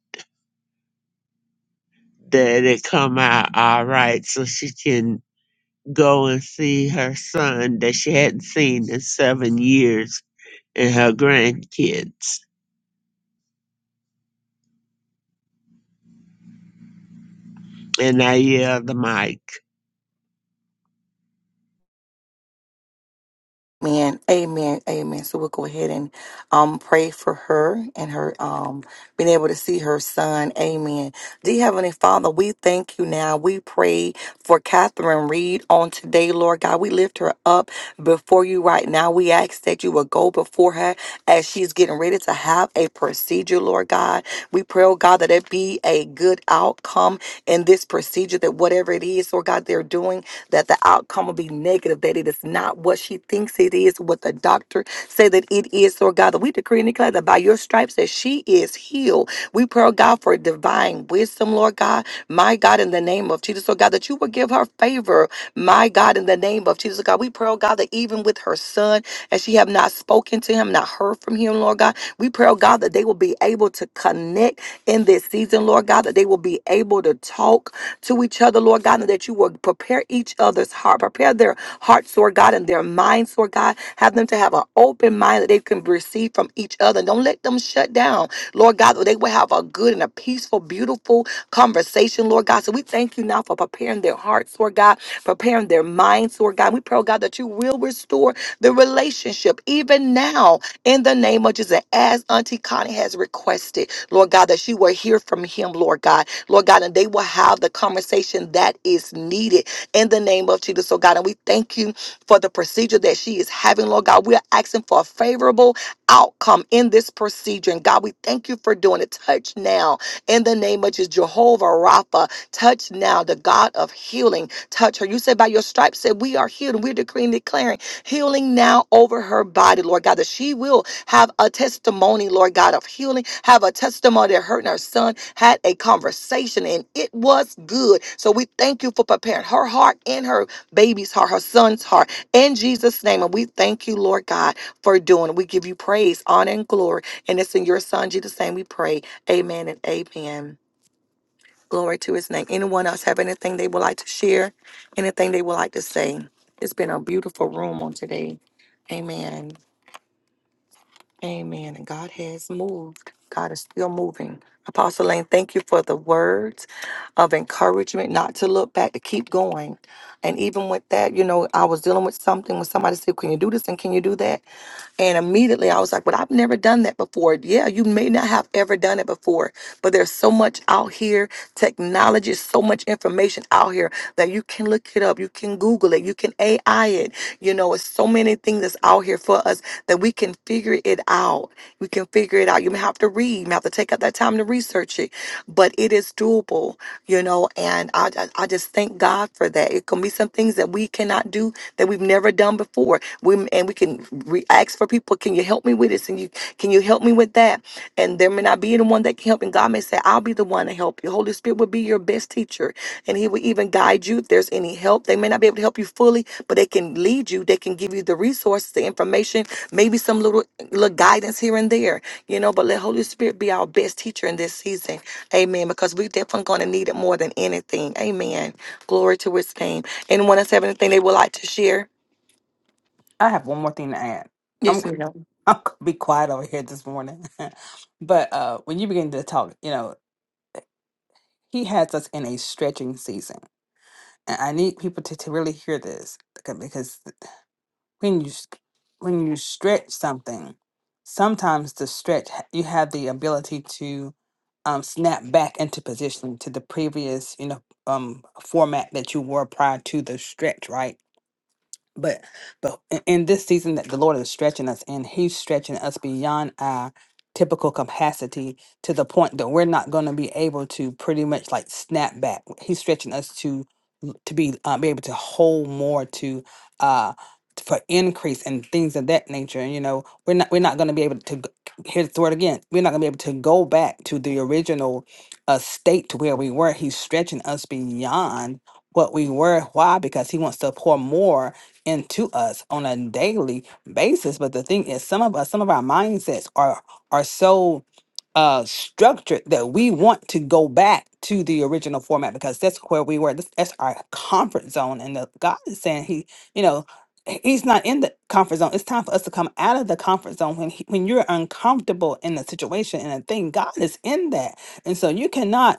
That it come out all right, so she can go and see her son that she hadn't seen in seven years and her grandkids. And I yelled the mic. Amen. Amen. Amen. So we'll go ahead and um pray for her and her um being able to see her son. Amen. Dear Heavenly Father, we thank you now. We pray for Catherine Reed on today, Lord God. We lift her up before you right now. We ask that you will go before her as she's getting ready to have a procedure, Lord God. We pray, oh God, that it be a good outcome in this procedure, that whatever it is, Lord God, they're doing that the outcome will be negative, that it is not what she thinks it is, what the doctor say that it is, Lord God. That we decree and declare that by your stripes that she is healed. We pray, oh God, for divine wisdom, Lord God. My God, in the name of Jesus, Lord God, that you will give her favor. My God, in the name of Jesus, oh God, we pray, oh God, that even with her son, as she have not spoken to him, not heard from him, Lord God, we pray, oh God, that they will be able to connect in this season, Lord God, that they will be able to talk to each other, Lord God, and that you will prepare each other's heart, prepare their hearts, Lord God, and their minds, Lord God. Have them to have an open mind that they can receive from each other. Don't let them shut down, Lord God, that they will have a good and a peaceful, beautiful conversation, Lord God. So we thank you now for preparing their hearts, Lord God, preparing their minds, Lord God. We pray, oh God, that you will restore the relationship even now in the name of Jesus. As Auntie Connie has requested, Lord God, that she will hear from him, Lord God Lord God, and they will have the conversation that is needed in the name of Jesus, oh God. And we thank you for the procedure that she is having, Lord God. We are asking for a favorable outcome in this procedure. And God, we thank you for doing it. Touch now in the name of Jesus, Jehovah Rapha. Touch now, the God of healing. Touch her. You said by your stripes, said we are healed. And we're decreeing, declaring healing now over her body, Lord God, that she will have a testimony, Lord God, of healing, have a testimony that her and her son had a conversation and it was good. So we thank you for preparing her heart and her baby's heart, her son's heart, in Jesus' name. And we thank you, Lord God, for doing it. We give you praise, honor, and glory. And it's in your son, Jesus' name, we pray. Amen and amen. Glory to his name. Anyone else have anything they would like to share? Anything they would like to say? It's been a beautiful room on today. Amen. Amen. And God has moved. God is still moving. Apostle Lane, thank you for the words of encouragement not to look back, to keep going. And even with that, you know, I was dealing with something when somebody said, Can you do this and can you do that? And immediately I was like, but I've never done that before. Yeah, you may not have ever done it before, but there's so much out here, technology, is so much information out here that you can look it up, you can Google it, you can AI it. You know, it's so many things that's out here for us that we can figure it out. We can figure it out. You may have to read, you may have to take out that time to research it, but it is doable, you know, and I, I, I just thank God for that. It can be some things that we cannot do that we've never done before we and we can re- ask for people can you help me with this and you can you help me with that and there may not be anyone that can help and god may say i'll be the one to help you holy spirit will be your best teacher and he will even guide you if there's any help they may not be able to help you fully but they can lead you they can give you the resources the information maybe some little little guidance here and there you know but let holy spirit be our best teacher in this season amen because we definitely going to need it more than anything amen glory to his name anyone else have anything they would like to share I have one more thing to add. I'm, yes ma'am I'm going to be quiet over here this morning. but uh, when you begin to talk, you know, He has us in a stretching season. And I need people to, to really hear this beca- because, when you s- when you stretch something, sometimes the stretch h- you have the ability to um, snap back into position to the previous you know um, format that you were prior to the stretch, right? But but in in this season that the Lord is stretching us and He's stretching us beyond our typical capacity to the point that we're not going to be able to pretty much like snap back. He's stretching us to l- to be uh, be able to hold more to uh t- for increase and things of that nature. And you know, we're not we're not going to be able to g- here's the word again. We're not going to be able to go back to the original uh state to where we were. He's stretching us beyond what we were. Why? Because he wants to pour more into us on a daily basis. But the thing is, some of us, some of our mindsets are are so uh structured that we want to go back to the original format because that's where we were. That's, that's our comfort zone. And the God is saying He, you know, h- He's not in the comfort zone. It's time for us to come out of the comfort zone. When he, when you're uncomfortable in a situation and a thing, God is in that. And so you cannot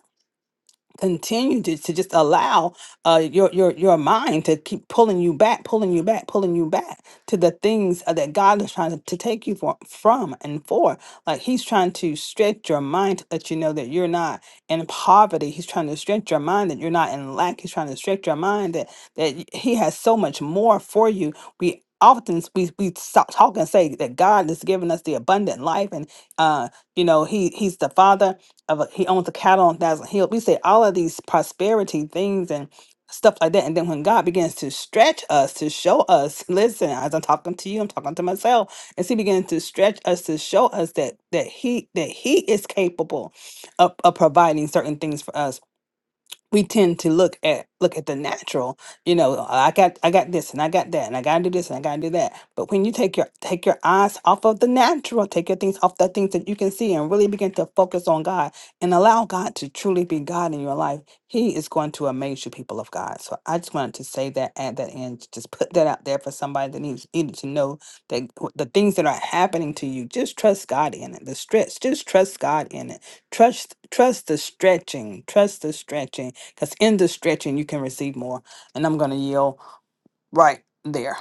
continue to, to just allow uh, your your your mind to keep pulling you back, pulling you back, pulling you back to the things uh, that God is trying to, to take you for, from and for. Like He's trying to stretch your mind to let you know that you're not in poverty. He's trying to stretch your mind that you're not in lack. He's trying to stretch your mind that that y- He has so much more for you. We often s- we we stop talk and say that God has given us the abundant life and uh you know he he's the father of a, he owns a cattle on thousand hill. We say all of these prosperity things and stuff like that. And then when God begins to stretch us to show us, listen, as I'm talking to you, I'm talking to myself, as He begins to stretch us to show us that that He that He is capable of, of providing certain things for us we tend to look at look at the natural you know "Oh, i got i got this and i got that and i gotta do this and i gotta do that but when you take your take your eyes off of the natural take your things off the things that you can see and really begin to focus on god and allow god to truly be god in your life he is going to amaze you people of god so i just wanted to say that at that end just put that out there for somebody that needs needed to know that w- the things that are happening to you just trust god in it the stretch just trust god in it trust trust the stretching trust the stretching because in the stretching, you can receive more. And I'm going to yield right there.